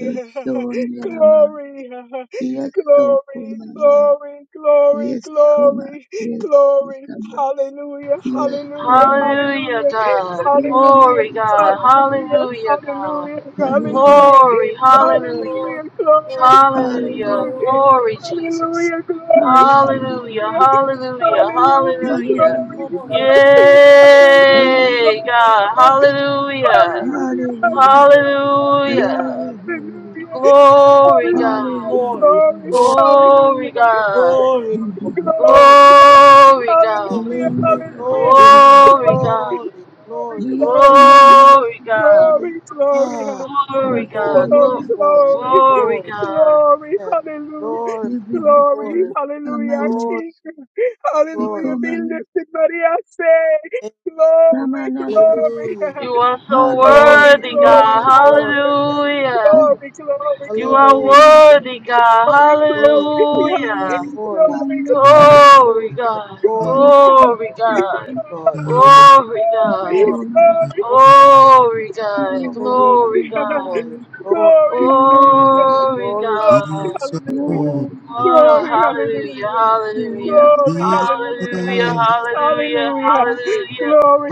[SPEAKER 4] So,
[SPEAKER 5] glory,
[SPEAKER 4] so, Nirama.
[SPEAKER 5] glory,
[SPEAKER 4] Yes, so kumana.
[SPEAKER 5] glory, glory,
[SPEAKER 4] Yes, kuma.
[SPEAKER 5] glory,
[SPEAKER 4] Yes,
[SPEAKER 5] glory,
[SPEAKER 4] kama.
[SPEAKER 5] hallelujah,
[SPEAKER 4] Yo, so
[SPEAKER 5] hallelujah,
[SPEAKER 4] nera.
[SPEAKER 7] Hallelujah,
[SPEAKER 5] hallelujah,
[SPEAKER 7] God.
[SPEAKER 4] Yeah,
[SPEAKER 5] hallelujah,
[SPEAKER 7] Glory,
[SPEAKER 4] mana.
[SPEAKER 7] God.
[SPEAKER 5] hallelujah,
[SPEAKER 7] Hallelujah, God.
[SPEAKER 5] hallelujah,
[SPEAKER 4] Hallelujah.
[SPEAKER 5] hallelujah,
[SPEAKER 7] Glory, hallelujah.
[SPEAKER 5] hallelujah, glory,
[SPEAKER 4] Hallelujah.
[SPEAKER 7] Hallelujah.
[SPEAKER 5] hallelujah.
[SPEAKER 4] Hallelujah.
[SPEAKER 7] Glory, Jesus.
[SPEAKER 5] Hallelujah, glory,
[SPEAKER 7] Hallelujah,
[SPEAKER 5] hallelujah,
[SPEAKER 7] hallelujah,
[SPEAKER 5] hallelujah,
[SPEAKER 7] hallelujah.
[SPEAKER 5] glory,
[SPEAKER 4] Hallelujah.
[SPEAKER 5] you
[SPEAKER 3] hallelujah.
[SPEAKER 5] are King, hallelujah,
[SPEAKER 7] Yay,
[SPEAKER 4] Yes,
[SPEAKER 5] glory,
[SPEAKER 7] God. Hallelujah.
[SPEAKER 5] hallelujah, glory,
[SPEAKER 4] Hallelujah.
[SPEAKER 7] Hallelujah.
[SPEAKER 4] Glory, hallelujah.
[SPEAKER 5] hallelujah, hallelujah,
[SPEAKER 7] Glory, God.
[SPEAKER 4] Hallelujah.
[SPEAKER 3] Glory,
[SPEAKER 5] glory,
[SPEAKER 4] Hallelujah.
[SPEAKER 3] glory,
[SPEAKER 7] Glory,
[SPEAKER 5] hallelujah, glory,
[SPEAKER 7] God.
[SPEAKER 3] glory, glory,
[SPEAKER 5] glory,
[SPEAKER 3] glory, glory, glory.
[SPEAKER 7] Glory, God.
[SPEAKER 5] glory,
[SPEAKER 4] Yo,
[SPEAKER 5] hallelujah,
[SPEAKER 3] hallelujah,
[SPEAKER 4] nera,
[SPEAKER 5] hallelujah,
[SPEAKER 3] glory,
[SPEAKER 4] so mana.
[SPEAKER 7] Glory, God.
[SPEAKER 3] glory,
[SPEAKER 5] glory, glory,
[SPEAKER 3] glory,
[SPEAKER 4] Ye,
[SPEAKER 3] Lord.
[SPEAKER 4] kamana,
[SPEAKER 7] Glory
[SPEAKER 4] so
[SPEAKER 7] God.
[SPEAKER 4] mana.
[SPEAKER 5] glory, glory,
[SPEAKER 3] Ah,
[SPEAKER 4] Mas,
[SPEAKER 7] Glory
[SPEAKER 4] so
[SPEAKER 7] God.
[SPEAKER 5] glory,
[SPEAKER 4] mana.
[SPEAKER 5] glory,
[SPEAKER 7] Glory,
[SPEAKER 3] Glory,
[SPEAKER 5] glory,
[SPEAKER 7] glory
[SPEAKER 3] glory,
[SPEAKER 7] God.
[SPEAKER 5] Glory,
[SPEAKER 3] yes.
[SPEAKER 5] hallelujah.
[SPEAKER 3] Glory,
[SPEAKER 4] You be lifted
[SPEAKER 5] Glory,
[SPEAKER 3] glory,
[SPEAKER 4] up.
[SPEAKER 5] hallelujah, our
[SPEAKER 4] Amano,
[SPEAKER 3] glory,
[SPEAKER 5] King.
[SPEAKER 3] glory.
[SPEAKER 5] Hallelujah, be
[SPEAKER 4] He
[SPEAKER 5] lifted, Maria. Say,
[SPEAKER 3] Thank you.
[SPEAKER 5] glory,
[SPEAKER 4] Namanasi.
[SPEAKER 5] glory,
[SPEAKER 3] Hallelujah.
[SPEAKER 7] You are so
[SPEAKER 3] Glory,
[SPEAKER 5] glory,
[SPEAKER 4] Hallelujah.
[SPEAKER 7] worthy,
[SPEAKER 5] glory,
[SPEAKER 7] God.
[SPEAKER 4] Glory.
[SPEAKER 3] glory,
[SPEAKER 5] glory, Yes.
[SPEAKER 7] Hallelujah.
[SPEAKER 5] glory, glory,
[SPEAKER 7] You are
[SPEAKER 5] glory,
[SPEAKER 3] hallelujah.
[SPEAKER 4] Glory.
[SPEAKER 7] worthy, God.
[SPEAKER 5] glory,
[SPEAKER 3] Glory,
[SPEAKER 5] glory, yeah. glory, glory, glory,
[SPEAKER 7] Hallelujah.
[SPEAKER 4] Yes,
[SPEAKER 3] glory,
[SPEAKER 5] glory,
[SPEAKER 4] Sandalana.
[SPEAKER 3] hallelujah.
[SPEAKER 7] Glory God.
[SPEAKER 3] Glory,
[SPEAKER 5] glory,
[SPEAKER 4] Boko.
[SPEAKER 7] Glory
[SPEAKER 5] glory,
[SPEAKER 3] thank
[SPEAKER 7] God.
[SPEAKER 3] you, Lord. Glory,
[SPEAKER 7] Glory God.
[SPEAKER 4] Sola.
[SPEAKER 3] glory,
[SPEAKER 7] Glory God.
[SPEAKER 3] glory,
[SPEAKER 4] You're
[SPEAKER 3] hallelujah.
[SPEAKER 4] worthy.
[SPEAKER 7] Glory
[SPEAKER 5] glory, glory,
[SPEAKER 7] God.
[SPEAKER 3] Glory, glory, glory, glory.
[SPEAKER 5] glory,
[SPEAKER 4] You're worthy.
[SPEAKER 5] hallelujah.
[SPEAKER 3] Your
[SPEAKER 7] Glory
[SPEAKER 3] glory,
[SPEAKER 6] Be
[SPEAKER 5] Glory,
[SPEAKER 7] God.
[SPEAKER 3] your
[SPEAKER 4] You're
[SPEAKER 5] hallelujah.
[SPEAKER 6] exalted.
[SPEAKER 4] worthy. You're
[SPEAKER 7] Oh,
[SPEAKER 5] Glory,
[SPEAKER 4] worthy.
[SPEAKER 7] hallelujah,
[SPEAKER 5] hallelujah.
[SPEAKER 4] You're
[SPEAKER 7] hallelujah,
[SPEAKER 4] worthy.
[SPEAKER 5] Glory,
[SPEAKER 6] Be
[SPEAKER 5] hallelujah.
[SPEAKER 7] hallelujah,
[SPEAKER 6] exalted.
[SPEAKER 7] hallelujah,
[SPEAKER 5] Hallelujah.
[SPEAKER 7] hallelujah.
[SPEAKER 5] Glory,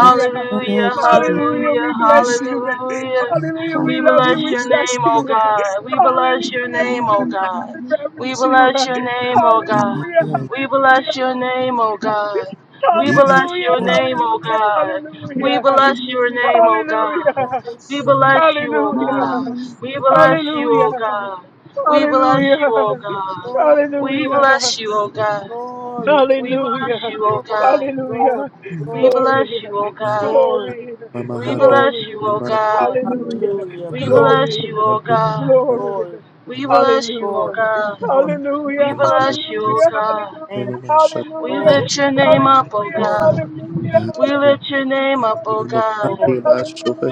[SPEAKER 6] Be exalted.
[SPEAKER 5] Hallelujah.
[SPEAKER 7] hallelujah,
[SPEAKER 5] We
[SPEAKER 4] Nana.
[SPEAKER 5] bless you.
[SPEAKER 7] hallelujah.
[SPEAKER 5] Hallelujah. We
[SPEAKER 7] We
[SPEAKER 5] love
[SPEAKER 7] bless
[SPEAKER 5] you. We
[SPEAKER 7] your
[SPEAKER 4] Sandalana.
[SPEAKER 5] trust
[SPEAKER 7] name,
[SPEAKER 5] you.
[SPEAKER 7] O God. We bless your
[SPEAKER 5] Hallelujah.
[SPEAKER 4] Boko.
[SPEAKER 7] name, O
[SPEAKER 5] Hallelujah.
[SPEAKER 7] God.
[SPEAKER 5] We
[SPEAKER 4] Sandalana.
[SPEAKER 7] We
[SPEAKER 5] reverence you.
[SPEAKER 7] bless your name, O
[SPEAKER 4] Nana.
[SPEAKER 7] God.
[SPEAKER 5] Hallelujah.
[SPEAKER 7] We
[SPEAKER 5] Hallelujah.
[SPEAKER 7] bless your name, O God.
[SPEAKER 5] Hallelujah.
[SPEAKER 7] We
[SPEAKER 6] Be
[SPEAKER 7] bless
[SPEAKER 5] Hallelujah.
[SPEAKER 7] your
[SPEAKER 6] exalted.
[SPEAKER 3] glory,
[SPEAKER 7] name, O God.
[SPEAKER 3] your
[SPEAKER 7] We
[SPEAKER 5] Hallelujah.
[SPEAKER 3] glory,
[SPEAKER 7] bless your
[SPEAKER 4] Sandalana.
[SPEAKER 7] name, O
[SPEAKER 5] Hallelujah.
[SPEAKER 7] God. We bless you, O
[SPEAKER 5] Hallelujah.
[SPEAKER 7] God.
[SPEAKER 4] Anana.
[SPEAKER 7] We bless you,
[SPEAKER 5] Hallelujah.
[SPEAKER 7] O
[SPEAKER 5] Hallelujah.
[SPEAKER 7] God. We
[SPEAKER 3] your glory,
[SPEAKER 7] bless you,
[SPEAKER 5] Hallelujah.
[SPEAKER 7] O
[SPEAKER 3] glory,
[SPEAKER 7] God. We
[SPEAKER 5] Hallelujah.
[SPEAKER 7] bless you, O God. We
[SPEAKER 5] Hallelujah.
[SPEAKER 7] bless you, O
[SPEAKER 3] glory,
[SPEAKER 7] God.
[SPEAKER 3] glory,
[SPEAKER 5] Hallelujah.
[SPEAKER 7] We
[SPEAKER 5] Glory.
[SPEAKER 7] bless you, O God.
[SPEAKER 3] glory,
[SPEAKER 5] Glory.
[SPEAKER 6] Mama
[SPEAKER 7] We
[SPEAKER 3] glory.
[SPEAKER 6] Hando.
[SPEAKER 7] bless you,
[SPEAKER 5] Glory.
[SPEAKER 7] O
[SPEAKER 6] Mama Hando.
[SPEAKER 7] God.
[SPEAKER 4] Glory.
[SPEAKER 5] Hallelujah.
[SPEAKER 3] Hallelujah.
[SPEAKER 7] We
[SPEAKER 6] Mama
[SPEAKER 3] Glory,
[SPEAKER 5] Glory.
[SPEAKER 7] bless you, O
[SPEAKER 6] Hando.
[SPEAKER 7] God.
[SPEAKER 6] Mama
[SPEAKER 5] Glory.
[SPEAKER 3] glory,
[SPEAKER 7] We
[SPEAKER 6] Hando, Mama
[SPEAKER 7] bless you, O
[SPEAKER 3] glory,
[SPEAKER 5] Hallelujah. Hallelujah.
[SPEAKER 7] God.
[SPEAKER 3] glory.
[SPEAKER 7] We
[SPEAKER 5] Hallelujah. Hallelujah.
[SPEAKER 7] bless you,
[SPEAKER 6] Hando,
[SPEAKER 7] O
[SPEAKER 5] Hallelujah.
[SPEAKER 7] God.
[SPEAKER 5] Hallelujah.
[SPEAKER 3] Thank you,
[SPEAKER 6] Hallelujah.
[SPEAKER 7] We
[SPEAKER 5] Hallelujah. Hallelujah.
[SPEAKER 3] Lord.
[SPEAKER 7] lift your name up, O
[SPEAKER 3] Glory,
[SPEAKER 7] God.
[SPEAKER 5] Hallelujah.
[SPEAKER 6] Hallelujah.
[SPEAKER 7] We
[SPEAKER 3] yes,
[SPEAKER 7] lift your name up, O
[SPEAKER 6] Hallelujah. Hallelujah.
[SPEAKER 7] God.
[SPEAKER 3] Lord.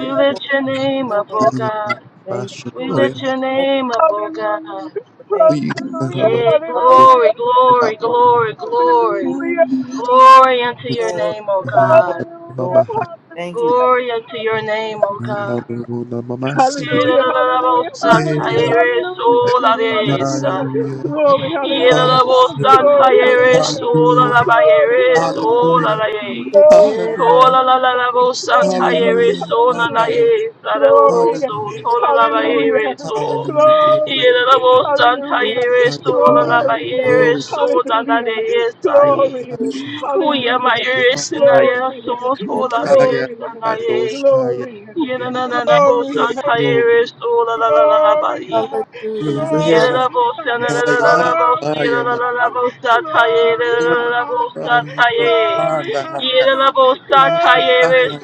[SPEAKER 7] We lift your name
[SPEAKER 3] Lord,
[SPEAKER 7] up, O
[SPEAKER 3] glory.
[SPEAKER 7] God.
[SPEAKER 3] Thank you,
[SPEAKER 7] We
[SPEAKER 3] Lord.
[SPEAKER 7] lift your
[SPEAKER 3] Bless
[SPEAKER 7] name up, O God.
[SPEAKER 3] your
[SPEAKER 5] Hallelujah.
[SPEAKER 3] name.
[SPEAKER 5] Hallelujah. Hallelujah.
[SPEAKER 7] Yea,
[SPEAKER 5] Hallelujah.
[SPEAKER 3] Hallelujah.
[SPEAKER 7] glory, glory,
[SPEAKER 5] Hallelujah.
[SPEAKER 7] glory, glory.
[SPEAKER 5] Hallelujah.
[SPEAKER 4] Anana.
[SPEAKER 7] Glory unto your
[SPEAKER 3] Lord,
[SPEAKER 7] name, O
[SPEAKER 5] Hallelujah.
[SPEAKER 3] Lord,
[SPEAKER 7] God.
[SPEAKER 3] Lord.
[SPEAKER 5] Hallelujah.
[SPEAKER 3] Thank
[SPEAKER 5] Hallelujah.
[SPEAKER 3] you.
[SPEAKER 7] Glory unto your
[SPEAKER 5] Hallelujah!
[SPEAKER 7] name, O God.
[SPEAKER 5] Hallelujah, hallelujah, hallelujah, hallelujah, hallelujah. Glory, hallelujah,
[SPEAKER 3] Hallelujah.
[SPEAKER 5] glory, hallelujah,
[SPEAKER 3] Hallelujah.
[SPEAKER 5] glory, hallelujah,
[SPEAKER 3] Thank
[SPEAKER 5] glory,
[SPEAKER 3] you.
[SPEAKER 5] hallelujah, glory, hallelujah, glory, hallelujah, glory, hallelujah,
[SPEAKER 6] Hallelujah. Hallelujah.
[SPEAKER 5] glory, hallelujah,
[SPEAKER 6] Hallelujah.
[SPEAKER 5] glory,
[SPEAKER 6] Glory. Hallelujah. Glory to him.
[SPEAKER 7] Kuya my
[SPEAKER 5] hallelujah,
[SPEAKER 7] ears and I am
[SPEAKER 5] glory,
[SPEAKER 7] so told of the yes
[SPEAKER 6] Hallelujah. Hallelujah.
[SPEAKER 5] glory,
[SPEAKER 7] and I am.
[SPEAKER 5] glory,
[SPEAKER 6] Hallelujah.
[SPEAKER 7] Yena na na na bo san
[SPEAKER 5] glory.
[SPEAKER 6] Glory,
[SPEAKER 7] tairis o la la la la
[SPEAKER 5] Glory,
[SPEAKER 7] Yenananabosantayeristolalalabai.
[SPEAKER 6] glory,
[SPEAKER 7] Yay,
[SPEAKER 5] glory,
[SPEAKER 6] haya,
[SPEAKER 5] glory, glory,
[SPEAKER 6] haya,
[SPEAKER 5] glory, glory,
[SPEAKER 6] makura, hana, hana, hana,
[SPEAKER 5] glory,
[SPEAKER 6] hana.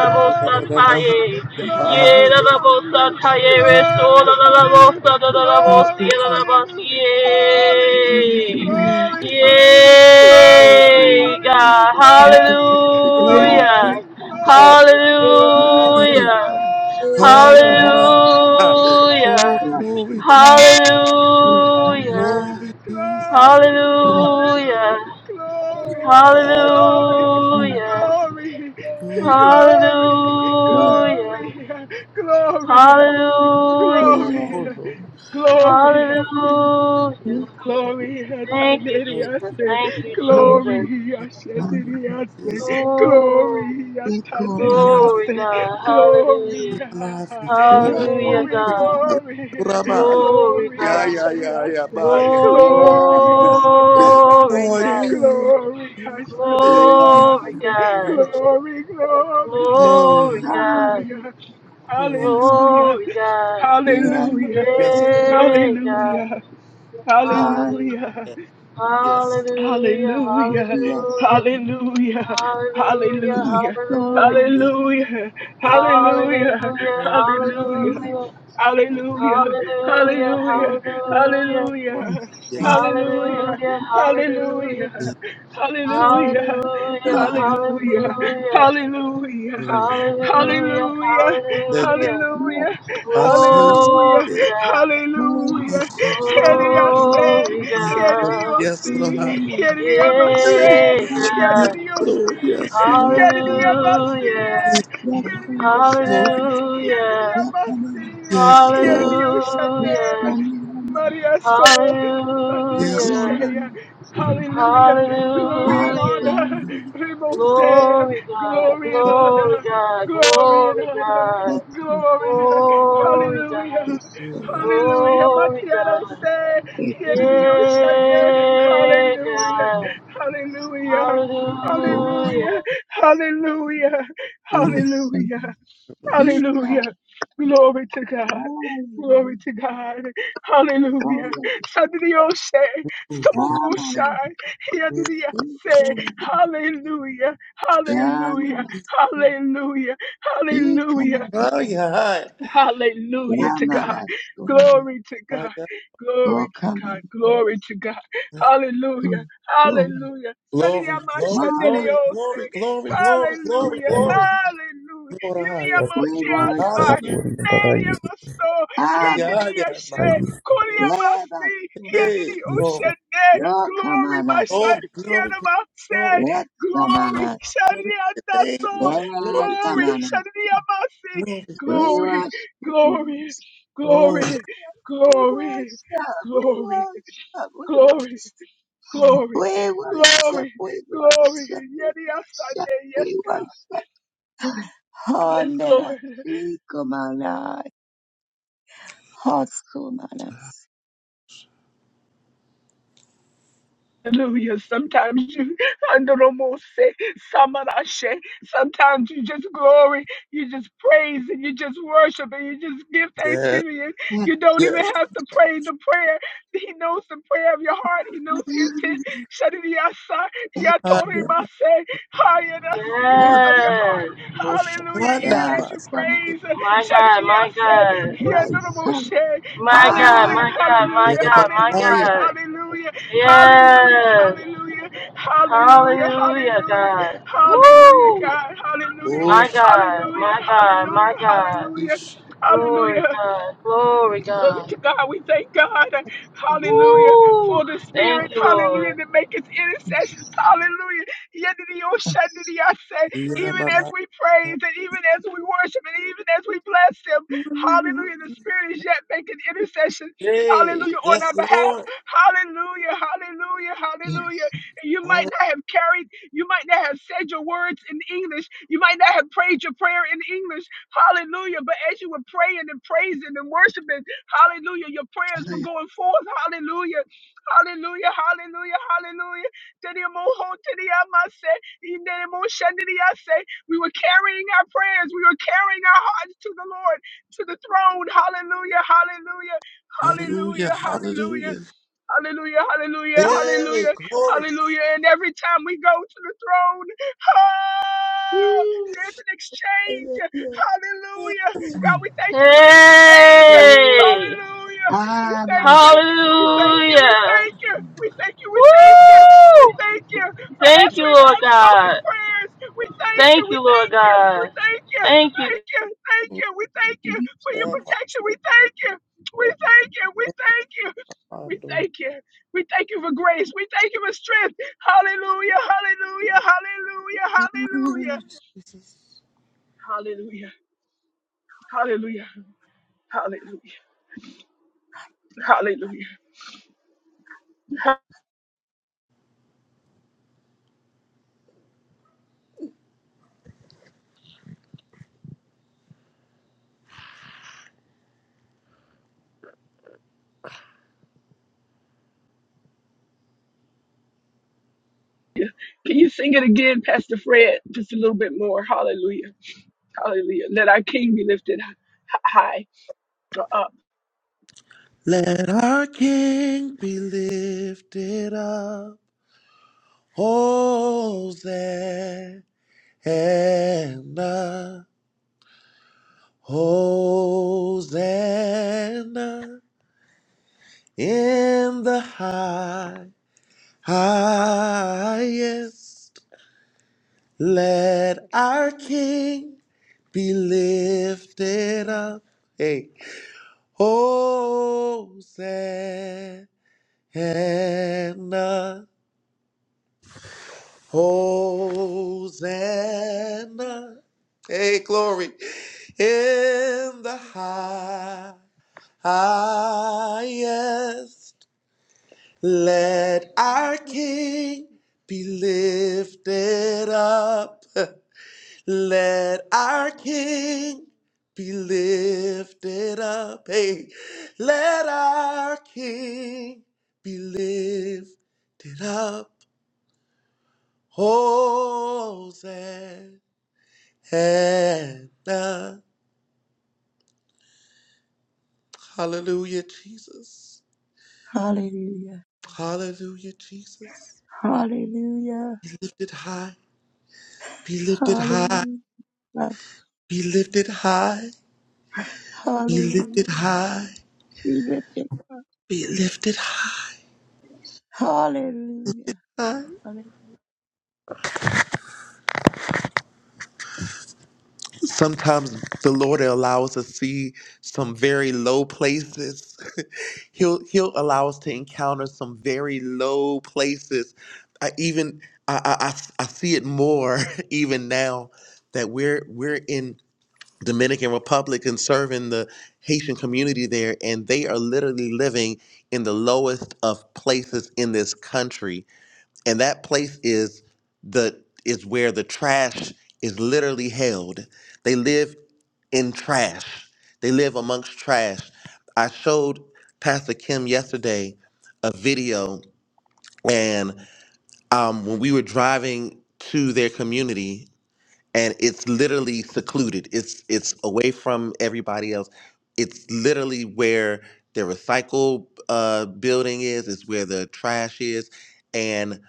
[SPEAKER 6] Glory, glory, haya, haya, haya.
[SPEAKER 5] glory, hallelujah,
[SPEAKER 6] Oh, glory, Jesus,
[SPEAKER 5] glory, hallelujah, glory,
[SPEAKER 6] glory,
[SPEAKER 5] hallelujah, hallelujah,
[SPEAKER 6] Jesus. Haya.
[SPEAKER 5] glory, hallelujah, glory, hallelujah,
[SPEAKER 7] God,
[SPEAKER 5] glory,
[SPEAKER 6] Oh,
[SPEAKER 3] Thank
[SPEAKER 6] glory,
[SPEAKER 7] hallelujah,
[SPEAKER 5] glory, glory, glory,
[SPEAKER 7] hallelujah.
[SPEAKER 5] glory,
[SPEAKER 6] glory, glory.
[SPEAKER 5] glory,
[SPEAKER 7] Hallelujah.
[SPEAKER 4] Yeah,
[SPEAKER 5] glory, glory,
[SPEAKER 7] Hallelujah.
[SPEAKER 5] hallelujah, glory, hallelujah,
[SPEAKER 7] Hallelujah.
[SPEAKER 5] glory, glory,
[SPEAKER 7] Hallelujah.
[SPEAKER 5] glory,
[SPEAKER 7] Hallelujah.
[SPEAKER 5] glory, glory,
[SPEAKER 7] Hallelujah.
[SPEAKER 5] glory, glory, glory,
[SPEAKER 7] Hallelujah.
[SPEAKER 5] Glory
[SPEAKER 7] Thank you, Jesus.
[SPEAKER 5] Hataneriase,
[SPEAKER 7] Thank you, Jesus.
[SPEAKER 5] Glory Hashaneriase,
[SPEAKER 6] Yes,
[SPEAKER 7] Ooh.
[SPEAKER 5] Glory
[SPEAKER 6] I'm alive with you.
[SPEAKER 7] Glory,
[SPEAKER 5] Hataneriose,
[SPEAKER 7] God.
[SPEAKER 5] Glory,
[SPEAKER 6] I'm
[SPEAKER 7] Hallelujah.
[SPEAKER 5] ha,
[SPEAKER 6] alive
[SPEAKER 5] ha,
[SPEAKER 6] with
[SPEAKER 7] Hallelujah,
[SPEAKER 5] Glory,
[SPEAKER 7] God.
[SPEAKER 6] you.
[SPEAKER 5] Glory,
[SPEAKER 6] Rabbi,
[SPEAKER 7] Glory,
[SPEAKER 5] Glory
[SPEAKER 6] Yeah,
[SPEAKER 7] God.
[SPEAKER 6] yeah, yeah, yeah,
[SPEAKER 5] Hashaniase,
[SPEAKER 6] bye. Yeah.
[SPEAKER 5] Glory
[SPEAKER 7] Glory,
[SPEAKER 5] Hashaniadasi,
[SPEAKER 6] Oh, yeah,
[SPEAKER 7] God.
[SPEAKER 6] yeah,
[SPEAKER 5] Glory
[SPEAKER 6] yeah. yeah.
[SPEAKER 7] Glory
[SPEAKER 5] Hashaneriase,
[SPEAKER 7] God.
[SPEAKER 6] Glory.
[SPEAKER 5] Glory, Glory,
[SPEAKER 6] Oh,
[SPEAKER 7] Glory
[SPEAKER 6] yeah.
[SPEAKER 7] God.
[SPEAKER 5] Hallelujah,
[SPEAKER 6] Oh, yes.
[SPEAKER 5] Hallelujah,
[SPEAKER 7] Glory God.
[SPEAKER 6] Yeah,
[SPEAKER 5] Hallelujah,
[SPEAKER 6] Yes, Lord.
[SPEAKER 7] yeah God.
[SPEAKER 5] Hallelujah.
[SPEAKER 4] Uh,
[SPEAKER 7] Hallelujah.
[SPEAKER 5] Hallelujah.
[SPEAKER 6] Yeah, Yes, Lord.
[SPEAKER 7] Hallelujah.
[SPEAKER 5] Hallelujah.
[SPEAKER 4] yes.
[SPEAKER 7] Hallelujah.
[SPEAKER 5] Hallelujah.
[SPEAKER 6] Yeah,
[SPEAKER 7] Hallelujah.
[SPEAKER 4] Yes,
[SPEAKER 5] Hallelujah.
[SPEAKER 4] so
[SPEAKER 7] Hallelujah.
[SPEAKER 4] many
[SPEAKER 6] yeah,
[SPEAKER 5] Hallelujah.
[SPEAKER 6] yeah,
[SPEAKER 5] Hallelujah.
[SPEAKER 7] Hallelujah.
[SPEAKER 5] Hallelujah.
[SPEAKER 4] yes,
[SPEAKER 7] Hallelujah.
[SPEAKER 3] you,
[SPEAKER 5] Hallelujah.
[SPEAKER 7] Hallelujah. Hallelujah.
[SPEAKER 3] Lord.
[SPEAKER 5] Hallelujah.
[SPEAKER 7] Hallelujah.
[SPEAKER 4] uh, yes,
[SPEAKER 5] Hallelujah.
[SPEAKER 3] Lord.
[SPEAKER 4] so
[SPEAKER 6] yes, Lord.
[SPEAKER 5] Hallelujah.
[SPEAKER 7] Hallelujah.
[SPEAKER 5] Hallelujah.
[SPEAKER 6] Yes,
[SPEAKER 5] Hallelujah.
[SPEAKER 7] Hallelujah.
[SPEAKER 4] many,
[SPEAKER 5] Hallelujah.
[SPEAKER 7] Hallelujah.
[SPEAKER 5] Hallelujah.
[SPEAKER 6] Lord. Mm.
[SPEAKER 7] Hallelujah,
[SPEAKER 5] Hallelujah.
[SPEAKER 6] Thank you.
[SPEAKER 7] hallelujah.
[SPEAKER 4] so many,
[SPEAKER 5] Hallelujah.
[SPEAKER 6] Our souls.
[SPEAKER 5] Hallelujah.
[SPEAKER 7] Glory
[SPEAKER 6] Yes,
[SPEAKER 7] God,
[SPEAKER 4] so many,
[SPEAKER 6] our
[SPEAKER 5] Hallelujah.
[SPEAKER 6] souls.
[SPEAKER 5] Here did I say,
[SPEAKER 7] glory
[SPEAKER 6] Yes,
[SPEAKER 5] here did
[SPEAKER 6] Lord.
[SPEAKER 7] God.
[SPEAKER 5] you
[SPEAKER 6] Yes,
[SPEAKER 5] see,
[SPEAKER 6] Lord.
[SPEAKER 5] here did I say,
[SPEAKER 7] Yeah,
[SPEAKER 5] here
[SPEAKER 6] Yes,
[SPEAKER 5] did
[SPEAKER 7] God.
[SPEAKER 5] you
[SPEAKER 6] Lord.
[SPEAKER 5] see,
[SPEAKER 6] Yes,
[SPEAKER 4] so
[SPEAKER 6] Lord.
[SPEAKER 5] here did I see,
[SPEAKER 7] Hallelujah,
[SPEAKER 6] Yes,
[SPEAKER 5] here
[SPEAKER 4] yes,
[SPEAKER 6] Lord.
[SPEAKER 4] so
[SPEAKER 5] did
[SPEAKER 4] many,
[SPEAKER 5] you
[SPEAKER 6] Glory.
[SPEAKER 5] say, here did
[SPEAKER 7] hallelujah,
[SPEAKER 4] yes,
[SPEAKER 5] I
[SPEAKER 4] so many,
[SPEAKER 5] see,
[SPEAKER 6] Yes,
[SPEAKER 5] here did
[SPEAKER 6] Lord.
[SPEAKER 5] you
[SPEAKER 4] yes, so
[SPEAKER 5] say,
[SPEAKER 7] hallelujah,
[SPEAKER 4] many, oh, mama,
[SPEAKER 5] Maria so,
[SPEAKER 4] yes,
[SPEAKER 5] Maria
[SPEAKER 6] Yes,
[SPEAKER 4] oh,
[SPEAKER 7] hallelujah,
[SPEAKER 5] Shea.
[SPEAKER 4] mama,
[SPEAKER 5] Hallelujah. Glory
[SPEAKER 4] ah,
[SPEAKER 5] and
[SPEAKER 4] so
[SPEAKER 7] hallelujah.
[SPEAKER 5] honor.
[SPEAKER 4] many, yes,
[SPEAKER 5] We Most Rimosea,
[SPEAKER 7] Glory God,
[SPEAKER 5] glory and
[SPEAKER 7] glory
[SPEAKER 5] honor,
[SPEAKER 7] God,
[SPEAKER 5] glory and
[SPEAKER 7] glory
[SPEAKER 5] honor,
[SPEAKER 7] God,
[SPEAKER 4] yes,
[SPEAKER 5] glory,
[SPEAKER 7] glory
[SPEAKER 4] yes,
[SPEAKER 7] God.
[SPEAKER 5] hallelujah,
[SPEAKER 4] yes,
[SPEAKER 6] Lord.
[SPEAKER 4] oh,
[SPEAKER 6] Yeah, Lord.
[SPEAKER 5] hallelujah.
[SPEAKER 7] Glory
[SPEAKER 5] Matiano
[SPEAKER 7] God.
[SPEAKER 5] say,
[SPEAKER 4] yes, come,
[SPEAKER 5] Yediyoshande,
[SPEAKER 7] Yeah,
[SPEAKER 5] hallelujah,
[SPEAKER 7] God.
[SPEAKER 5] hallelujah,
[SPEAKER 4] oh, come,
[SPEAKER 5] hallelujah,
[SPEAKER 7] Hallelujah.
[SPEAKER 5] hallelujah,
[SPEAKER 4] oh,
[SPEAKER 6] Mm.
[SPEAKER 4] so,
[SPEAKER 5] hallelujah,
[SPEAKER 4] yes,
[SPEAKER 6] Oh,
[SPEAKER 4] come,
[SPEAKER 5] hallelujah. Glory to God.
[SPEAKER 4] oh,
[SPEAKER 5] Glory to God.
[SPEAKER 4] oh,
[SPEAKER 5] Hallelujah.
[SPEAKER 4] oh,
[SPEAKER 5] Sadrioshe,
[SPEAKER 6] yes,
[SPEAKER 4] mama,
[SPEAKER 5] Samokoshai,
[SPEAKER 6] Lord.
[SPEAKER 4] yes,
[SPEAKER 5] Yadriyase.
[SPEAKER 4] oh,
[SPEAKER 5] Hallelujah.
[SPEAKER 4] mama,
[SPEAKER 5] Hallelujah. Hallelujah. Hallelujah.
[SPEAKER 6] Oh,
[SPEAKER 4] Ikamasana,
[SPEAKER 6] yeah. Oh,
[SPEAKER 5] Hallelujah to God.
[SPEAKER 4] Yamanasana,
[SPEAKER 5] Glory to God.
[SPEAKER 6] yeah.
[SPEAKER 5] Glory to God.
[SPEAKER 4] Okamasana,
[SPEAKER 5] Glory to God.
[SPEAKER 6] yeah.
[SPEAKER 5] Hallelujah.
[SPEAKER 4] Glory,
[SPEAKER 5] Hallelujah.
[SPEAKER 6] Glory, glory,
[SPEAKER 4] Glory,
[SPEAKER 6] glory,
[SPEAKER 5] Sadiyamashandereose.
[SPEAKER 6] glory, glory, glory, glory,
[SPEAKER 5] Hallelujah.
[SPEAKER 6] glory.
[SPEAKER 5] Hallelujah.
[SPEAKER 6] Glory, hallelujah.
[SPEAKER 4] we
[SPEAKER 1] That I
[SPEAKER 4] worship
[SPEAKER 5] Iriyamotiasai.
[SPEAKER 6] Hallelujah.
[SPEAKER 4] you.
[SPEAKER 1] wouldn't, that I you,
[SPEAKER 5] Neriamaso.
[SPEAKER 4] Abba,
[SPEAKER 6] yeah, yeah.
[SPEAKER 1] I
[SPEAKER 5] Yendiriyashe.
[SPEAKER 1] you.
[SPEAKER 5] Koriyamasi.
[SPEAKER 4] Devasuma,
[SPEAKER 6] Hey, glory,
[SPEAKER 5] Yendiriyushene. Glory,
[SPEAKER 4] Yokamanas,
[SPEAKER 6] glory,
[SPEAKER 5] Masha.
[SPEAKER 6] glory,
[SPEAKER 5] Tiyanamase.
[SPEAKER 6] glory,
[SPEAKER 5] Glory.
[SPEAKER 4] Ekamanas,
[SPEAKER 6] glory to your name,
[SPEAKER 5] Shadiyanaso.
[SPEAKER 6] Lord. Glory to your name.
[SPEAKER 5] Glory.
[SPEAKER 4] Ekamanas,
[SPEAKER 5] Shadiyamasi.
[SPEAKER 6] Glory.
[SPEAKER 4] we
[SPEAKER 5] Glory
[SPEAKER 4] worship you.
[SPEAKER 5] glory,
[SPEAKER 6] Oh,
[SPEAKER 5] glory,
[SPEAKER 4] We
[SPEAKER 5] glory,
[SPEAKER 4] worship, we worship, we
[SPEAKER 5] glory,
[SPEAKER 4] worship,
[SPEAKER 5] glory, glory,
[SPEAKER 4] we
[SPEAKER 5] glory,
[SPEAKER 4] worship, we
[SPEAKER 5] glory.
[SPEAKER 4] worship,
[SPEAKER 5] Yes,
[SPEAKER 4] we
[SPEAKER 5] yes,
[SPEAKER 4] worship,
[SPEAKER 5] yes,
[SPEAKER 4] we
[SPEAKER 5] God,
[SPEAKER 4] worship.
[SPEAKER 5] yes,
[SPEAKER 4] Honera
[SPEAKER 5] Lord,
[SPEAKER 4] Sikumanai Hoskumanas
[SPEAKER 5] Hallelujah. Sometimes you Andoromose, Samarashe. Sometimes you just glory, you just praise, and you just worship, and you just give
[SPEAKER 6] yes,
[SPEAKER 5] thanksgiving. And you don't even
[SPEAKER 6] yes.
[SPEAKER 5] have to pray the prayer. He knows the prayer of your heart. He knows the intent. Shadidiyasa,
[SPEAKER 4] Yakakutsu
[SPEAKER 6] I am
[SPEAKER 5] Yatorimase, Hayanasi of your heart.
[SPEAKER 7] Yes.
[SPEAKER 5] Hallelujah. Even
[SPEAKER 6] Oshana, my
[SPEAKER 5] as you
[SPEAKER 4] Yakama
[SPEAKER 5] praise,
[SPEAKER 7] My God, my
[SPEAKER 5] Shadidiase,
[SPEAKER 7] God.
[SPEAKER 4] Raisan
[SPEAKER 5] Yaduraboshe.
[SPEAKER 7] My God,
[SPEAKER 5] Hallelujah.
[SPEAKER 7] my God, my
[SPEAKER 5] Hallelujah.
[SPEAKER 6] Yeah, my
[SPEAKER 7] God, my
[SPEAKER 5] Hallelujah.
[SPEAKER 7] God.
[SPEAKER 5] Hallelujah. Hallelujah.
[SPEAKER 7] Yes.
[SPEAKER 5] Hallelujah. Hallelujah.
[SPEAKER 7] Hallelujah,
[SPEAKER 5] Hallelujah.
[SPEAKER 7] God.
[SPEAKER 5] Hallelujah,
[SPEAKER 7] Woo!
[SPEAKER 5] God. Hallelujah.
[SPEAKER 7] My God,
[SPEAKER 5] Hallelujah.
[SPEAKER 7] my God, my
[SPEAKER 5] Hallelujah.
[SPEAKER 7] God.
[SPEAKER 5] Hallelujah.
[SPEAKER 7] Glory,
[SPEAKER 5] Hallelujah.
[SPEAKER 7] God. Glory,
[SPEAKER 5] Glory
[SPEAKER 7] God.
[SPEAKER 5] to God. We thank God. Hallelujah. For
[SPEAKER 7] Woo!
[SPEAKER 5] the
[SPEAKER 7] Thank
[SPEAKER 5] spirit.
[SPEAKER 7] you,
[SPEAKER 5] Hallelujah.
[SPEAKER 7] Lord.
[SPEAKER 5] That makes intercessions. Hallelujah.
[SPEAKER 4] Jesus.
[SPEAKER 5] Yedidioshandidi, I say, Even as we praise and even as we worship and even as we bless him. Hallelujah. The spirit is yet making intercession.
[SPEAKER 6] Hey,
[SPEAKER 5] Hallelujah. On
[SPEAKER 6] yes,
[SPEAKER 5] our behalf.
[SPEAKER 6] Lord.
[SPEAKER 5] Hallelujah. Hallelujah. Hallelujah.
[SPEAKER 4] Yes.
[SPEAKER 5] And You might
[SPEAKER 6] Hallelujah.
[SPEAKER 5] not have carried, you might not have said your words in English. You might not have prayed your prayer in English. Hallelujah. But as you were praying and praising and worshiping, Hallelujah. Your prayers were going forth. Hallelujah. Hallelujah. Hallelujah. Hallelujah. Tenemoho, teneamase, inemoshandiniase. We were carrying our prayers. We were carrying our hearts to the Lord, to the throne. Hallelujah. Hallelujah.
[SPEAKER 6] Hallelujah.
[SPEAKER 5] Hallelujah. Hallelujah.
[SPEAKER 6] Hallelujah.
[SPEAKER 5] Hallelujah, hallelujah,
[SPEAKER 6] Hey,
[SPEAKER 5] hallelujah,
[SPEAKER 6] glory.
[SPEAKER 5] hallelujah. And every time we go to the throne, oh,
[SPEAKER 6] Woo.
[SPEAKER 5] there's an exchange. Hallelujah. God, we thank you for the exchange.
[SPEAKER 7] Hey!
[SPEAKER 5] Hallelujah. We
[SPEAKER 4] Hallelujah.
[SPEAKER 5] thank you. We thank you. We
[SPEAKER 7] Hallelujah.
[SPEAKER 5] thank you. We thank you. We thank you. We
[SPEAKER 7] Woo!
[SPEAKER 5] thank you for
[SPEAKER 7] Thank you,
[SPEAKER 5] answering
[SPEAKER 7] Lord
[SPEAKER 5] unspoken
[SPEAKER 7] God.
[SPEAKER 5] prayers. We thank you.
[SPEAKER 7] Thank
[SPEAKER 5] We
[SPEAKER 7] you, Lord
[SPEAKER 5] thank you. We
[SPEAKER 7] God.
[SPEAKER 5] thank you.
[SPEAKER 7] Thank you.
[SPEAKER 5] Thank you. Thank you. We thank you for your
[SPEAKER 6] Yeah,
[SPEAKER 5] protection. We thank you. We thank you. We thank you.
[SPEAKER 6] I
[SPEAKER 5] We
[SPEAKER 6] do.
[SPEAKER 5] thank you. We thank you for grace. We thank you for strength. Hallelujah. Hallelujah. Hallelujah. Hallelujah. Hallelujah. Hallelujah. Hallelujah. Hallelujah. Hallelujah. Can you sing it again, Pastor Fred? Just a little bit more. Hallelujah. Hallelujah. Let our King be lifted hi- high. or Up.
[SPEAKER 6] Let our King be lifted up. Hosanna. Hosanna in the high, highest. Let our King be lifted up. Hey, Hosanna, Hosanna. Hey, glory in the high, highest. Let our King be lifted up. Let our King be lifted up. Hey, let our King be lifted up. Hosanna. Hallelujah, Jesus.
[SPEAKER 4] Hallelujah.
[SPEAKER 6] Hallelujah, Jesus.
[SPEAKER 4] Hallelujah.
[SPEAKER 6] Be lifted high. Be lifted high.
[SPEAKER 4] Hallelujah.
[SPEAKER 6] Be lifted high. Be lifted
[SPEAKER 4] Hallelujah.
[SPEAKER 6] high.
[SPEAKER 4] We lift it.
[SPEAKER 6] Be lifted high.
[SPEAKER 4] Hallelujah. Hallelujah.
[SPEAKER 6] Sometimes the Lord will allow us to see some very low places. he'll He'll allow us to encounter some very low places. I even I, I, I s- I see it more even now that we're we're in Dominican Republic and serving the Haitian community there, and they are literally living in the lowest of places in this country and that place is the is where the trash is literally held they live in trash they live amongst trash i showed pastor kim yesterday a video and um, when we were driving to their community and it's literally secluded. It's it's away from everybody else. It's literally where the recycle uh, building is. It's where the trash is, and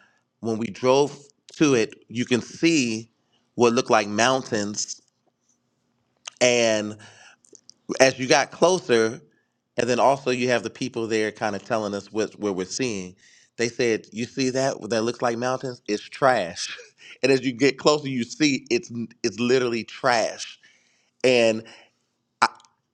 [SPEAKER 6] when we drove to it, you can see what looked like mountains. And as you got closer, and then also you have the people there kind of telling us what what we're seeing. They said, "You see that? That looks like mountains. It's trash." And as you get closer, you see it's it's literally trash and I,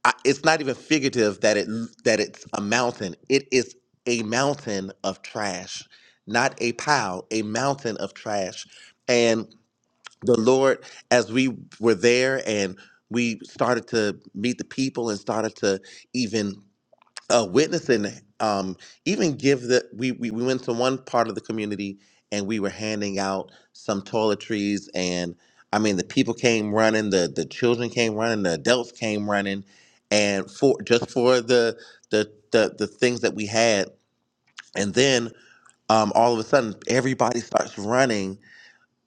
[SPEAKER 6] I, it's not even figurative that it that it's a mountain. It is a mountain of trash, not a pile, a mountain of trash. And the Lord, as we were there and we started to meet the people and started to even uh, witnessing um, even give the we, we we went to one part of the community and we were handing out some toiletries and i mean the people came running the the children came running the adults came running and for just for the the the, the things that we had and then um, all of a sudden everybody starts running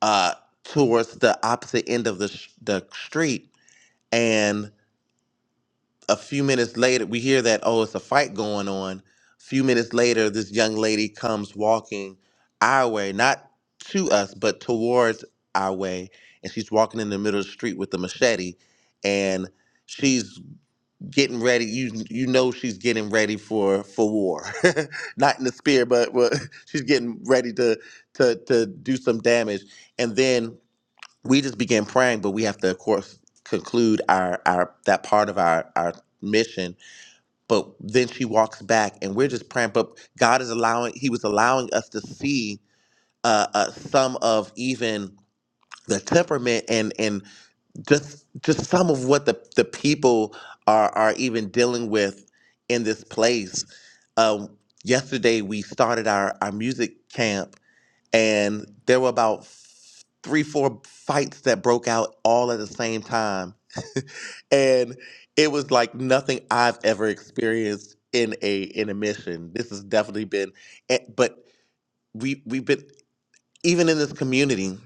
[SPEAKER 6] uh, towards the opposite end of the sh- the street a few minutes later, we hear that, oh, it's a fight going on. A few minutes later, this young lady comes walking our way, not to us, but towards our way. And she's walking in the middle of the street with a machete and she's getting ready. You you know she's getting ready for for war. not in the spear, but but she's getting ready to to to do some damage. And then we just begin praying, but we have to of course conclude our our that part of our our mission but then she walks back and we're just praying but god is allowing he was allowing us to see uh, uh some of even the temperament and and just just some of what the the people are are even dealing with in this place um yesterday we started our our music camp and there were about f- three four fights that broke out all at the same time and it was like nothing I've ever experienced in a in a mission. This has definitely been, eh, but we we've been even in this community.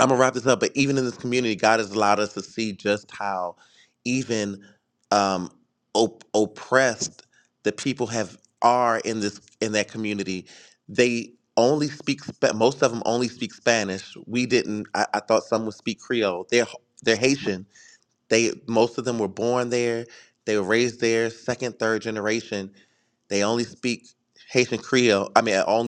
[SPEAKER 6] I'm gonna wrap this up, but even in this community, God has allowed us to see just how even um, op- oppressed the people have are in this in that community. They only speak Spa- most of them only speak Spanish. We didn't. I, I thought some would speak Creole. They're they're Haitian they most of them were born there. They were raised there, second, third generation. They only speak Haitian Creole. I mean, only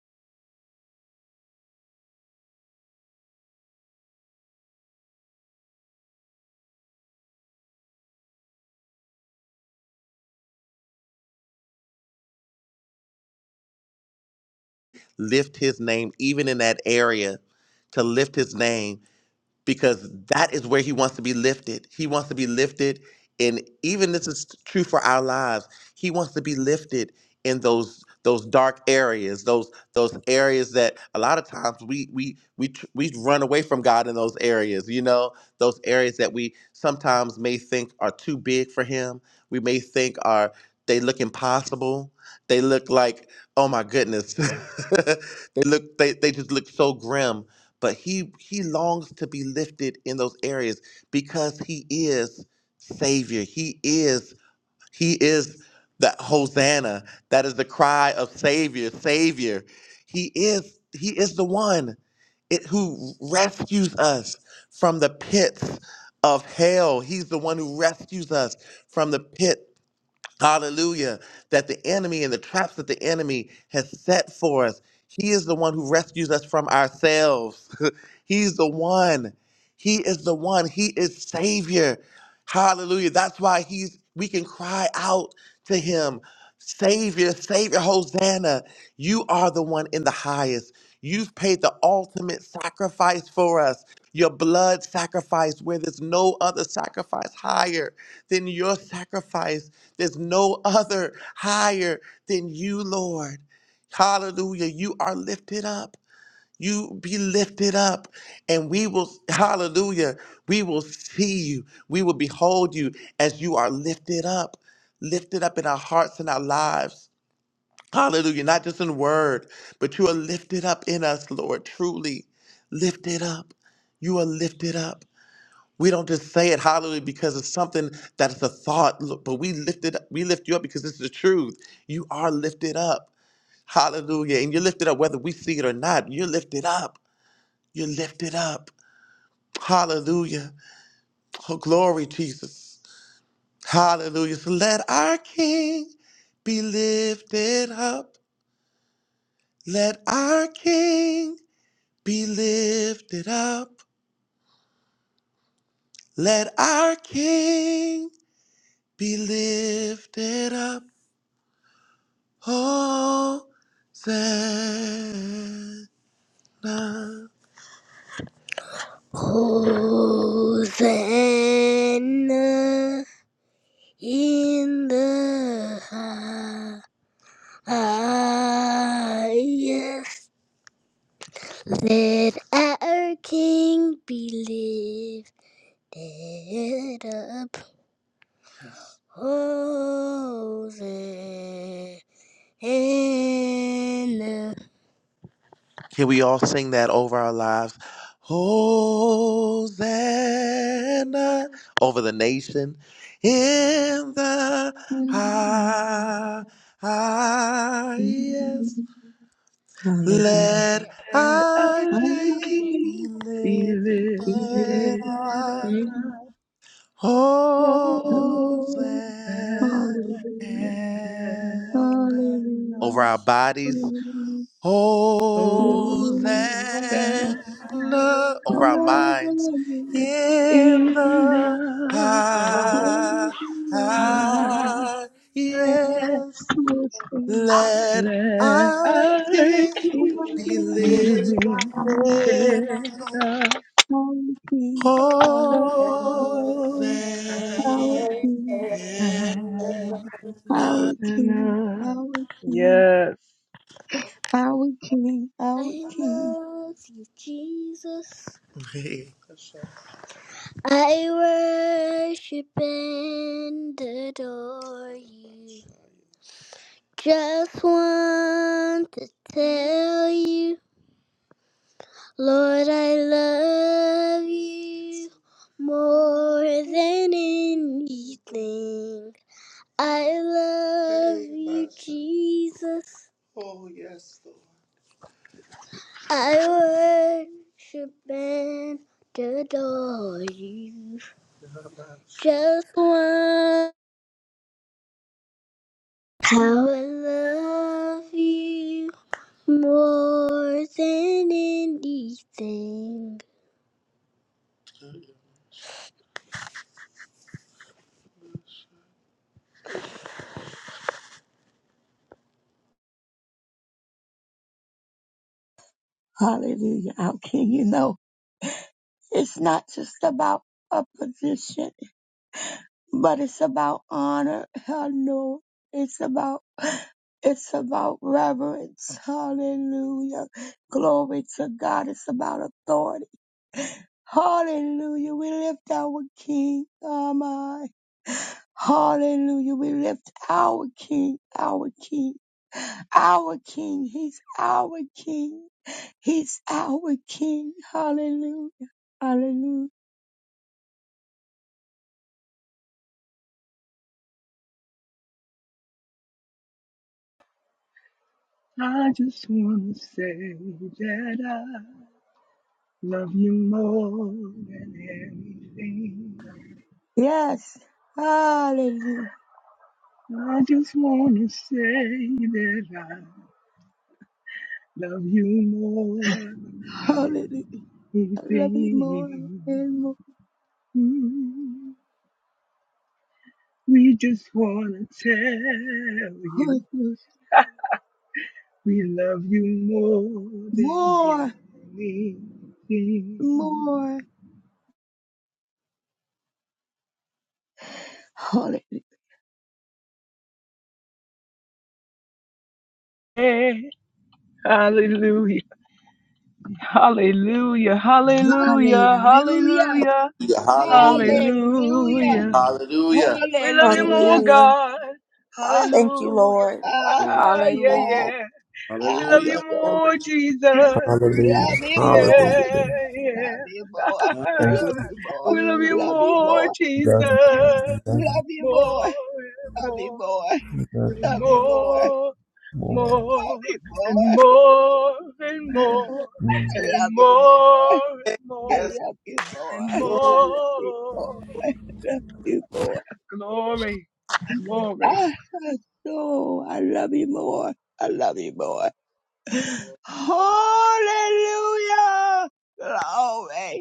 [SPEAKER 6] lift his name even in that area to lift his name because that is where he wants to be lifted. He wants to be lifted in even this is true for our lives. He wants to be lifted in those those dark areas, those those areas that a lot of times we we we tr- we run away from God in those areas, you know, those areas that we sometimes may think are too big for him. We may think are they look impossible. They look like, oh my goodness. they look they, they just look so grim but he he longs to be lifted in those areas because he is savior he is he is that hosanna that is the cry of savior savior he is he is the one it, who rescues us from the pits of hell he's the one who rescues us from the pit Hallelujah. That the enemy and the traps that the enemy has set for us, he is the one who rescues us from ourselves. He's the one. He is the one. He is Savior. Hallelujah. That's why he's we can cry out to him. Savior, Savior, Hosanna. You are the one in the highest. You've paid the ultimate sacrifice for us. Your blood sacrifice where there's no other sacrifice higher than your sacrifice. There's no other higher than you, Lord. Hallelujah. You are lifted up. You be lifted up, and we will, hallelujah, we will see you. We will behold you as you are lifted up, lifted up in our hearts and our lives. Hallelujah. Not just in word, but you are lifted up in us, Lord, truly. Lifted up. You are lifted up. We don't just say it hallelujah because it's something that's a thought, look, but we lift it, we lift you up because this is the truth. You are lifted up. Hallelujah. And you're lifted up whether we see it or not. You're lifted up. You're lifted up. Hallelujah. Oh, glory, Jesus. Hallelujah. So let our King be lifted up. Let our King be lifted up. Let our King be lifted up. Hosanna. Hosanna in the highest. Let our King be lifted up. Hosanna. Can we all sing that over our lives? Hosanna over the nation in the highest.
[SPEAKER 4] Hallelujah.
[SPEAKER 6] Let
[SPEAKER 5] Let
[SPEAKER 6] our
[SPEAKER 4] I
[SPEAKER 5] our
[SPEAKER 6] King
[SPEAKER 4] can
[SPEAKER 6] be
[SPEAKER 5] King be
[SPEAKER 6] lifted
[SPEAKER 4] feel it.
[SPEAKER 5] lifted
[SPEAKER 6] up.
[SPEAKER 4] feel
[SPEAKER 5] up.
[SPEAKER 4] it,
[SPEAKER 6] Hosanna
[SPEAKER 5] Hosanna.
[SPEAKER 4] Hallelujah.
[SPEAKER 6] over
[SPEAKER 4] Hallelujah.
[SPEAKER 6] our bodies.
[SPEAKER 4] Hallelujah.
[SPEAKER 6] Hosanna
[SPEAKER 4] Hallelujah.
[SPEAKER 5] Oh,
[SPEAKER 8] Thank
[SPEAKER 5] that
[SPEAKER 6] over our minds
[SPEAKER 4] Hallelujah.
[SPEAKER 6] in
[SPEAKER 5] in
[SPEAKER 6] the
[SPEAKER 5] the
[SPEAKER 6] high.
[SPEAKER 4] Hallelujah.
[SPEAKER 5] highest
[SPEAKER 6] Yes,
[SPEAKER 4] Worship.
[SPEAKER 6] let
[SPEAKER 5] let
[SPEAKER 6] our
[SPEAKER 5] our
[SPEAKER 6] King
[SPEAKER 5] King
[SPEAKER 6] be
[SPEAKER 5] be
[SPEAKER 4] Hallelujah.
[SPEAKER 6] lifted.
[SPEAKER 4] Our King.
[SPEAKER 5] lifted
[SPEAKER 6] up.
[SPEAKER 5] up.
[SPEAKER 4] Our King.
[SPEAKER 6] Hosanna.
[SPEAKER 4] Our King.
[SPEAKER 5] Hosanna.
[SPEAKER 8] you.
[SPEAKER 4] Our King. Our King.
[SPEAKER 5] Yes.
[SPEAKER 4] Our King. Our
[SPEAKER 6] I
[SPEAKER 4] King.
[SPEAKER 6] love you, Jesus. I worship and adore you. Just want to tell you, Lord, I love you more than anything. I love Hey, you, Master. Jesus. Oh, yes, Lord. I worship and adore you. Just want How I love you more than anything.
[SPEAKER 4] Hallelujah. Our King. You know, it's not just about a position. but it's about honor. Hell no. It's about it's about reverence. Hallelujah. Glory to God. It's about authority. Hallelujah. We lift our King. Oh my. Hallelujah. We lift our King, our King, our King. He's our King. He's our King. Hallelujah. Hallelujah.
[SPEAKER 5] I just want to say that I love you more than anything.
[SPEAKER 4] Yes. Hallelujah.
[SPEAKER 5] I just want to say that I love you more
[SPEAKER 4] Hallelujah.
[SPEAKER 5] than
[SPEAKER 4] I love you more
[SPEAKER 5] anything.
[SPEAKER 4] and more.
[SPEAKER 5] Mm. We just want to tell you
[SPEAKER 4] Oh, Jesus.
[SPEAKER 5] we love you more
[SPEAKER 4] More,
[SPEAKER 5] than anything.
[SPEAKER 4] more. Hallelujah.
[SPEAKER 5] Hey, hallelujah, hallelujah, hallelujah,
[SPEAKER 4] Hallelujah.
[SPEAKER 5] hallelujah,
[SPEAKER 6] Yeah, Hallelujah.
[SPEAKER 4] Hallelujah.
[SPEAKER 5] hallelujah.
[SPEAKER 6] Hallelujah.
[SPEAKER 5] We love you more,
[SPEAKER 4] Hallelujah.
[SPEAKER 2] Hallelujah.
[SPEAKER 5] God.
[SPEAKER 4] Ah,
[SPEAKER 2] Thank you,
[SPEAKER 5] Hallelujah.
[SPEAKER 2] Lord.
[SPEAKER 4] ah,
[SPEAKER 6] Glory to
[SPEAKER 5] Ah, yeah,
[SPEAKER 4] ah,
[SPEAKER 2] Hallelujah.
[SPEAKER 5] yeah. We
[SPEAKER 4] ah.
[SPEAKER 5] love you
[SPEAKER 6] Hallelujah.
[SPEAKER 4] So,
[SPEAKER 5] more,
[SPEAKER 6] Glory
[SPEAKER 5] Jesus.
[SPEAKER 1] Hallelujah.
[SPEAKER 4] Love you
[SPEAKER 5] Yeah,
[SPEAKER 4] more.
[SPEAKER 1] Hallelujah.
[SPEAKER 5] yeah.
[SPEAKER 4] Love you more.
[SPEAKER 6] to
[SPEAKER 1] Thank
[SPEAKER 4] Love
[SPEAKER 1] you.
[SPEAKER 4] you more.
[SPEAKER 5] we love you
[SPEAKER 4] Love you
[SPEAKER 5] more,
[SPEAKER 4] more.
[SPEAKER 1] We
[SPEAKER 5] Jesus.
[SPEAKER 1] Love you, Lord. We Love you.
[SPEAKER 4] Love you
[SPEAKER 5] More
[SPEAKER 4] more.
[SPEAKER 5] and
[SPEAKER 4] Love you
[SPEAKER 5] more
[SPEAKER 4] more.
[SPEAKER 1] We Love you,
[SPEAKER 5] and
[SPEAKER 4] Love you more.
[SPEAKER 5] more,
[SPEAKER 1] Lord.
[SPEAKER 5] more
[SPEAKER 4] Love you
[SPEAKER 5] and
[SPEAKER 4] more.
[SPEAKER 5] more and more
[SPEAKER 4] I
[SPEAKER 1] Mm.
[SPEAKER 5] and
[SPEAKER 4] love you more.
[SPEAKER 5] more and
[SPEAKER 4] I
[SPEAKER 5] more
[SPEAKER 6] Yes.
[SPEAKER 4] love you more.
[SPEAKER 5] and
[SPEAKER 4] I love you more.
[SPEAKER 5] more.
[SPEAKER 4] Love you more.
[SPEAKER 5] Glory, glory.
[SPEAKER 4] I know I love you more. I love you more. Hallelujah. Glory.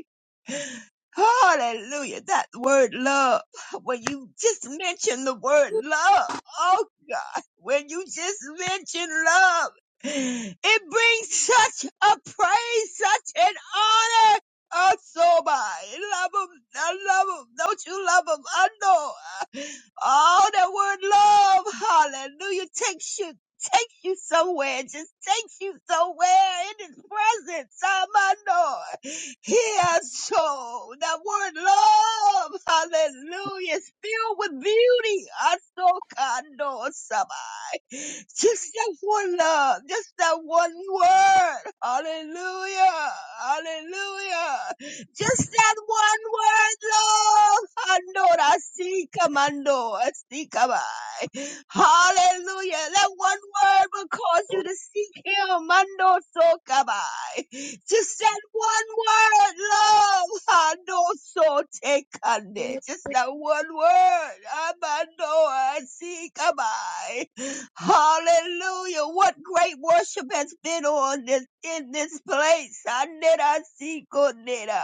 [SPEAKER 4] Hallelujah. That word love. When you just mention the word love. Oh God. When you just mention love. It brings such a praise, such an honor. Oh, so by love him, I love him. Don't you love him? I know. Oh, that word love, hallelujah, takes you, takes you somewhere. Just takes you somewhere in his presence. I know. Here, so that word love, hallelujah, is filled with beauty. Asokando sabai. Just that one love, just that one word. Hallelujah, hallelujah. Just that one word, Lord. Andora sika mando, sika bai. Hallelujah. That one word will cause you to seek him. Mando soka bai. Just that one word, Lord. Ando so take on it. Just that one word. Amando Hallelujah. What great worship has been on this in this place. Anerasikonera.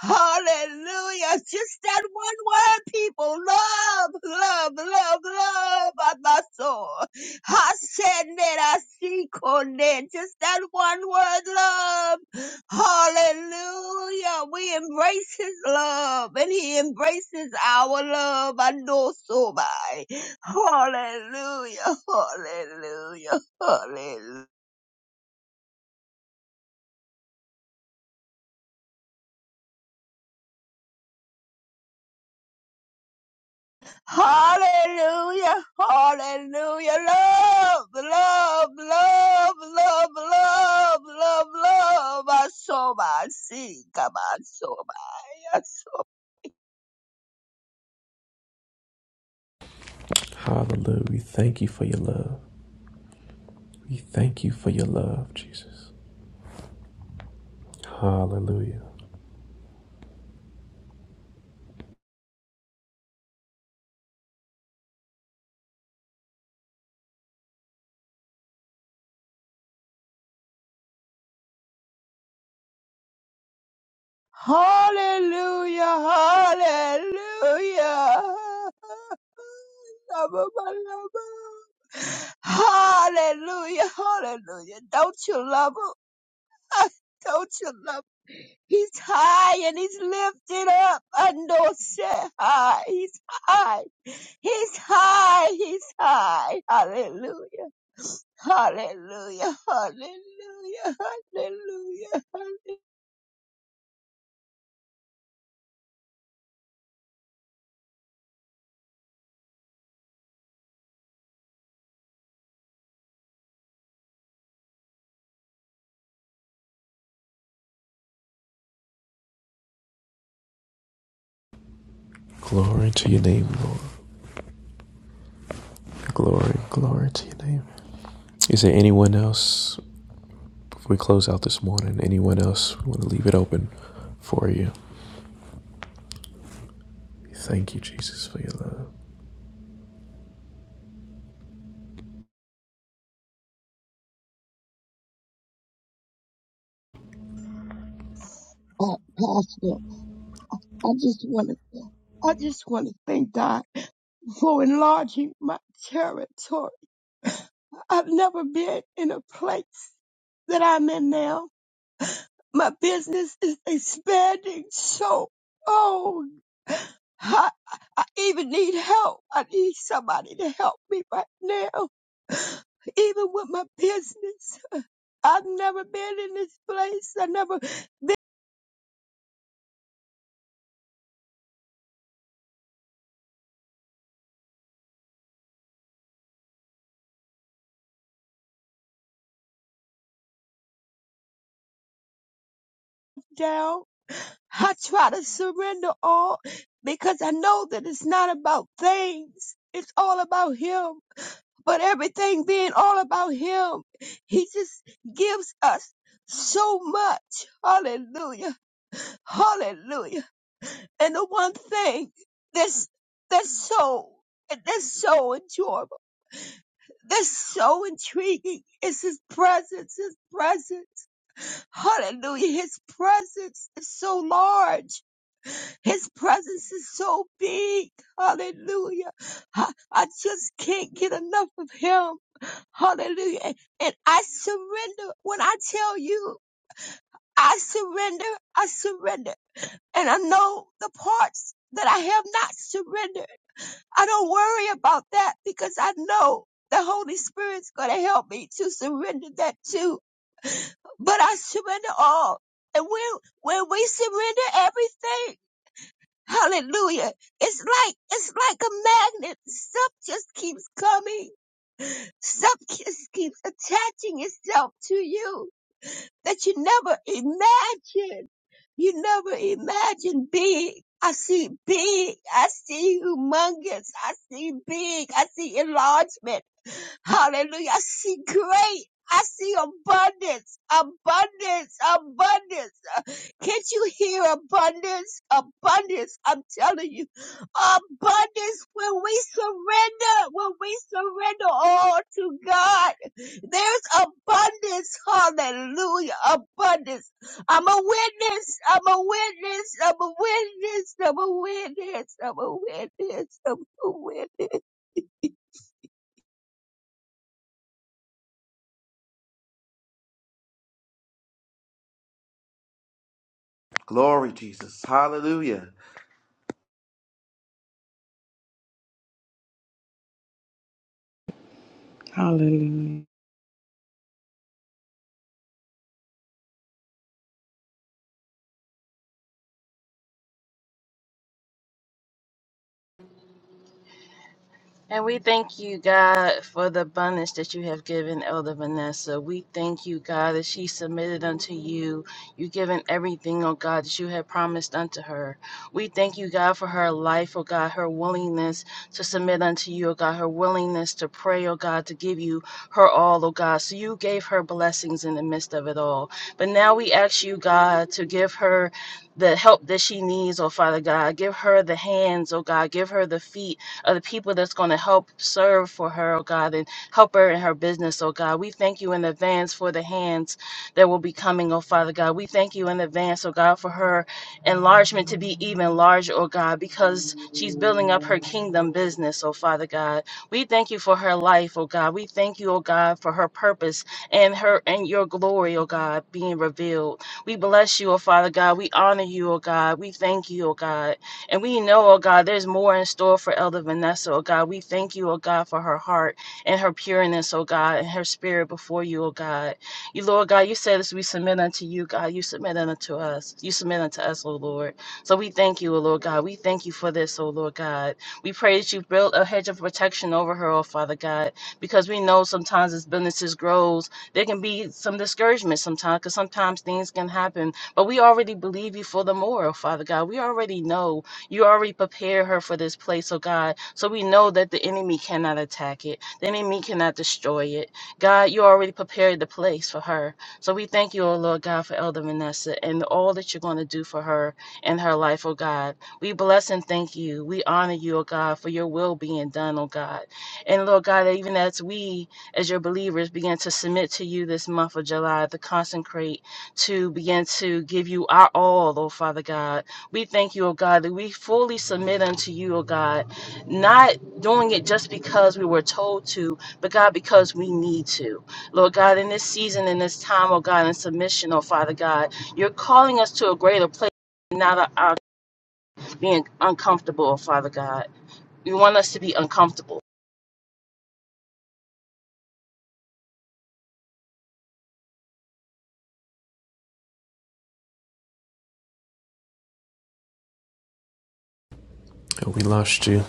[SPEAKER 4] Hallelujah. Just that one word, people. Love, love, love, love. I said, Abaso. Hasenerasikonera. Just that one word, love. Hallelujah. We embrace his love and he embraces our love. I know so by. Hallelujah. Hallelujah. Hallelujah. Hallelujah. Hallelujah. Love, love, love, love, love, love, love. I so by. See, come on, so by.
[SPEAKER 1] Hallelujah. We thank you for your love. We thank you for your love, Jesus. Hallelujah.
[SPEAKER 4] Hallelujah, hallelujah. Lama, my lama. Hallelujah, hallelujah. Don't you love him? Don't you love him? He's high and he's lifted up. I know say high. He's high. He's high. He's high. Hallelujah. Hallelujah. Hallelujah. Hallelujah.
[SPEAKER 1] Glory to your name, Lord. Glory, glory to your name. Is there anyone else? Before we close out this morning, anyone else, we want to leave it open for you. We Thank you, Jesus, for your love.
[SPEAKER 4] Hallelujah. I just want to, I just want to thank God for enlarging my territory. I've never been in a place that I'm in now. My business is expanding so, oh, I, I even need help. I need somebody to help me right now, even with my business. I've never been in this place. I never down. I try to surrender all because I know that it's not about things. It's all about Him. But everything being all about Him, He just gives us so much. Hallelujah. Hallelujah. And the one thing that's, that's so, that's so enjoyable, that's so intriguing is His presence, His presence. Hallelujah. His presence is so large. His presence is so big. Hallelujah. I, I just can't get enough of him. Hallelujah. And, and I surrender when I tell you, I surrender, I surrender. And I know the parts that I have not surrendered. I don't worry about that because I know the Holy Spirit's going to help me to surrender that too. But I surrender all. And when, when we surrender everything, Hallelujah. It's like, it's like a magnet. Stuff just keeps coming. Stuff just keeps attaching itself to you that you never imagined. You never imagined big. I see big. I see humongous. I see big. I see enlargement. Hallelujah. I see great. I see abundance, abundance, abundance. Can't you hear abundance? Abundance. I'm telling you. Abundance when we surrender, when we surrender all to God. There's abundance. Hallelujah. Abundance. I'm a witness. I'm a witness. I'm a witness. I'm a witness. I'm a witness. I'm a witness.
[SPEAKER 6] Glory, Jesus. Hallelujah.
[SPEAKER 9] Hallelujah.
[SPEAKER 7] And we thank you, God, for the abundance that you have given Elder Vanessa. We thank you, God, that she submitted unto you. You've given everything, oh God, that you have promised unto her. We thank you, God, for her life, oh God, her willingness to submit unto you, oh God, her willingness to pray, oh God, to give you her all, oh God. So you gave her blessings in the midst of it all. But now we ask you, God, to give her the help that she needs, oh Father God. Give her the hands, oh God. Give her the feet of the people that's going to help serve for her, oh God, and help her in her business, oh God. We thank you in advance for the hands that will be coming, oh Father God. We thank you in advance, oh God, for her enlargement to be even larger, oh God, because she's building up her kingdom business, oh Father God. We thank you for her life, oh God. We thank you, oh God, for her purpose and her and your glory, oh God, being revealed. We bless you, oh Father God. We honor you, oh God. We thank you, oh God. And we know, oh God, there's more in store for Elder Vanessa, oh God. We thank you, oh God, for her heart and her pureness, oh God, and her spirit before you, oh God. You, Lord God, you said as we submit unto you, God, you submit unto us. You submit unto us, oh Lord. So we thank you, oh Lord God. We thank you for this, oh Lord God. We pray that you build a hedge of protection over her, oh Father God, because we know sometimes as businesses grows, there can be some discouragement sometimes, because sometimes things can happen. But we already believe you for the more, oh Father God. We already know you already prepared her for this place, oh God. So we know that the enemy cannot attack it, the enemy cannot destroy it. God, you already prepared the place for her. So we thank you, oh Lord God, for Elder Vanessa and all that you're going to do for her and her life, oh God. We bless and thank you. We honor you, oh God, for your will being done, oh God. And Lord God, even as we, as your believers, begin to submit to you this month of July, to consecrate, to begin to give you our all, oh Father God we thank you, O God, that we fully submit unto you, O God, not doing it just because we were told to, but God, because we need to. Lord God, in this season, in this time, O God, in submission, O Father God, you're calling us to a greater place, not our our being uncomfortable, O Father God. You want us to be uncomfortable.
[SPEAKER 1] And we lost you.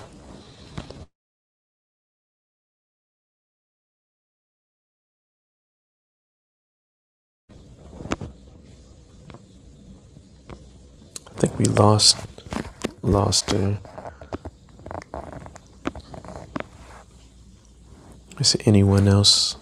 [SPEAKER 1] I think we lost, lost her. Is there anyone else?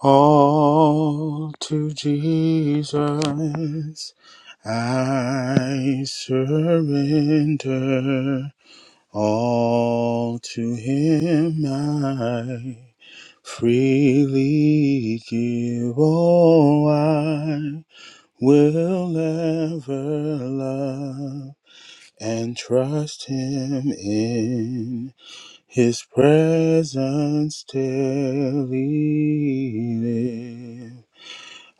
[SPEAKER 10] All to Jesus I surrender. All to Him I freely give. All I will ever love and trust Him in. His presence daily live.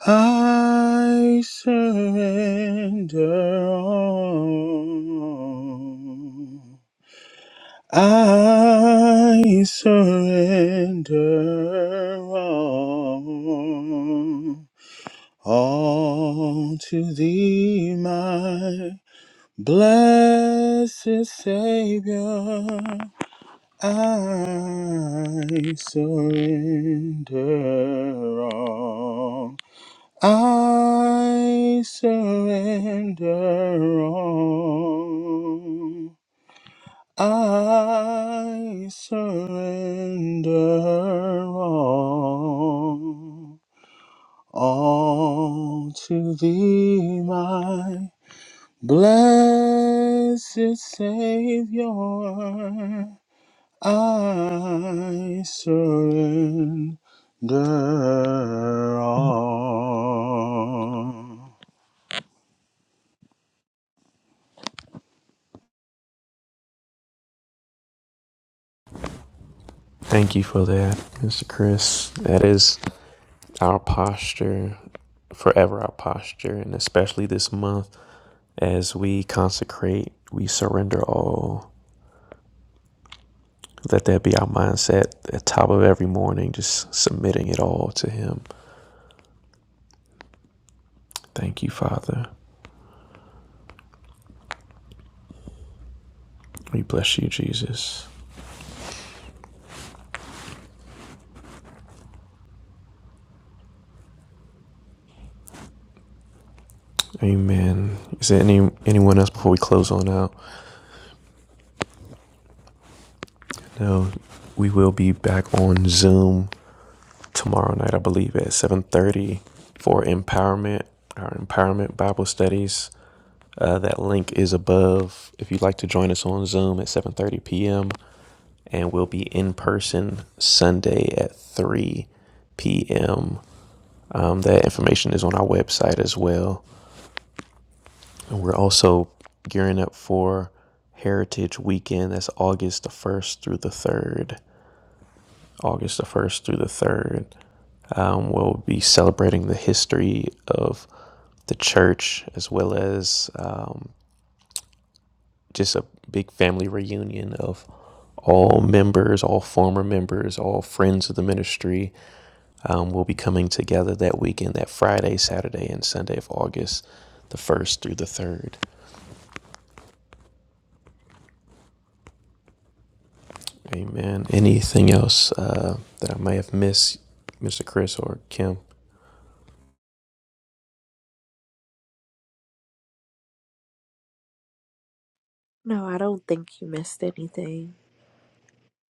[SPEAKER 10] I surrender all. I surrender all. All to thee, my blessed Savior. I surrender all. I surrender all. I surrender all. All to thee, my blessed Savior. I surrender all.
[SPEAKER 1] Thank you for that, Mr. Chris. That is our posture, forever our posture, and especially this month as we consecrate, we surrender all. Let that be our mindset at the top of every morning, just submitting it all to Him. Thank you, Father. We bless you, Jesus. Amen. Is there any anyone else before we close on out? No, we will be back on Zoom tomorrow night, I believe, at seven thirty for empowerment. Our empowerment Bible studies. Uh, that link is above. If you'd like to join us on Zoom at seven thirty p.m. and we'll be in person Sunday at three p.m. Um, that information is on our website as well. And we're also gearing up for Heritage Weekend. That's August the 1st through the 3rd. August the 1st through the 3rd. Um, we'll be celebrating the history of the church as well as um, just a big family reunion of all members, all former members, all friends of the ministry. Um, we'll be coming together that weekend, that Friday, Saturday, and Sunday of August the 1st through the 3rd. Amen. Anything else uh, that I may have missed, Mr. Chris or Kim?
[SPEAKER 2] No, I don't think you missed anything.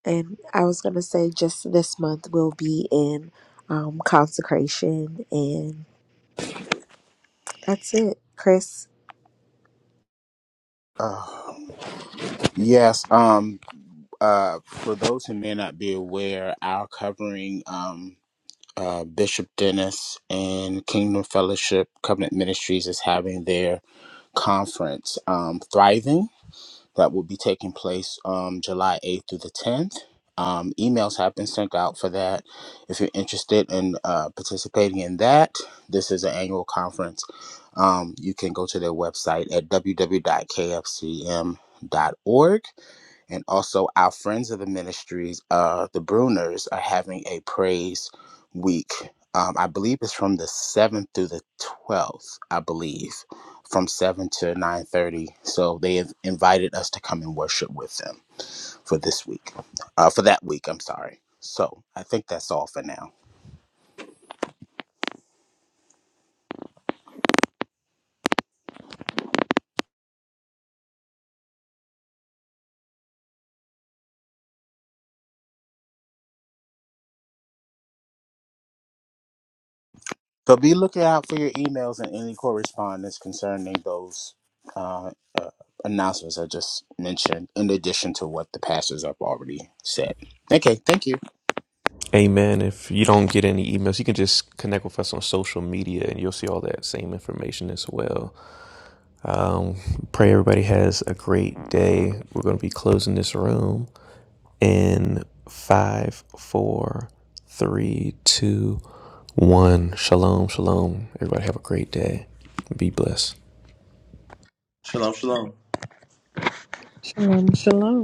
[SPEAKER 2] And I was going to say just this month we'll be in um, consecration, and that's it. Chris?
[SPEAKER 10] Uh, yes. Um. Uh. For those who may not be aware, our covering um uh Bishop Dennis and Kingdom Fellowship Covenant Ministries is having their conference, um, Thriving, that will be taking place um July eighth through the tenth. Um, emails have been sent out for that. If you're interested in uh, participating in that, this is an annual conference. Um, you can go to their website at kfcm. dot k f c m dot org and also our friends of the ministries, uh, the Bruners, are having a praise week. Um, I believe it's from the seventh through the twelfth. I believe from seven to nine thirty. So they have invited us to come and worship with them for this week, uh, for that week. I'm sorry. So I think that's all for now. So be looking out for your emails and any correspondence concerning those uh, uh, announcements I just mentioned, in addition to what the pastors have already said. Okay, thank you.
[SPEAKER 1] Amen. If you don't get any emails, you can just connect with us on social media and you'll see all that same information as well. Um, pray everybody has a great day. We're going to be closing this room in five, four, three, two, one. Shalom, shalom. Everybody have a great day. Be blessed.
[SPEAKER 6] Shalom, shalom.
[SPEAKER 9] Shalom, shalom.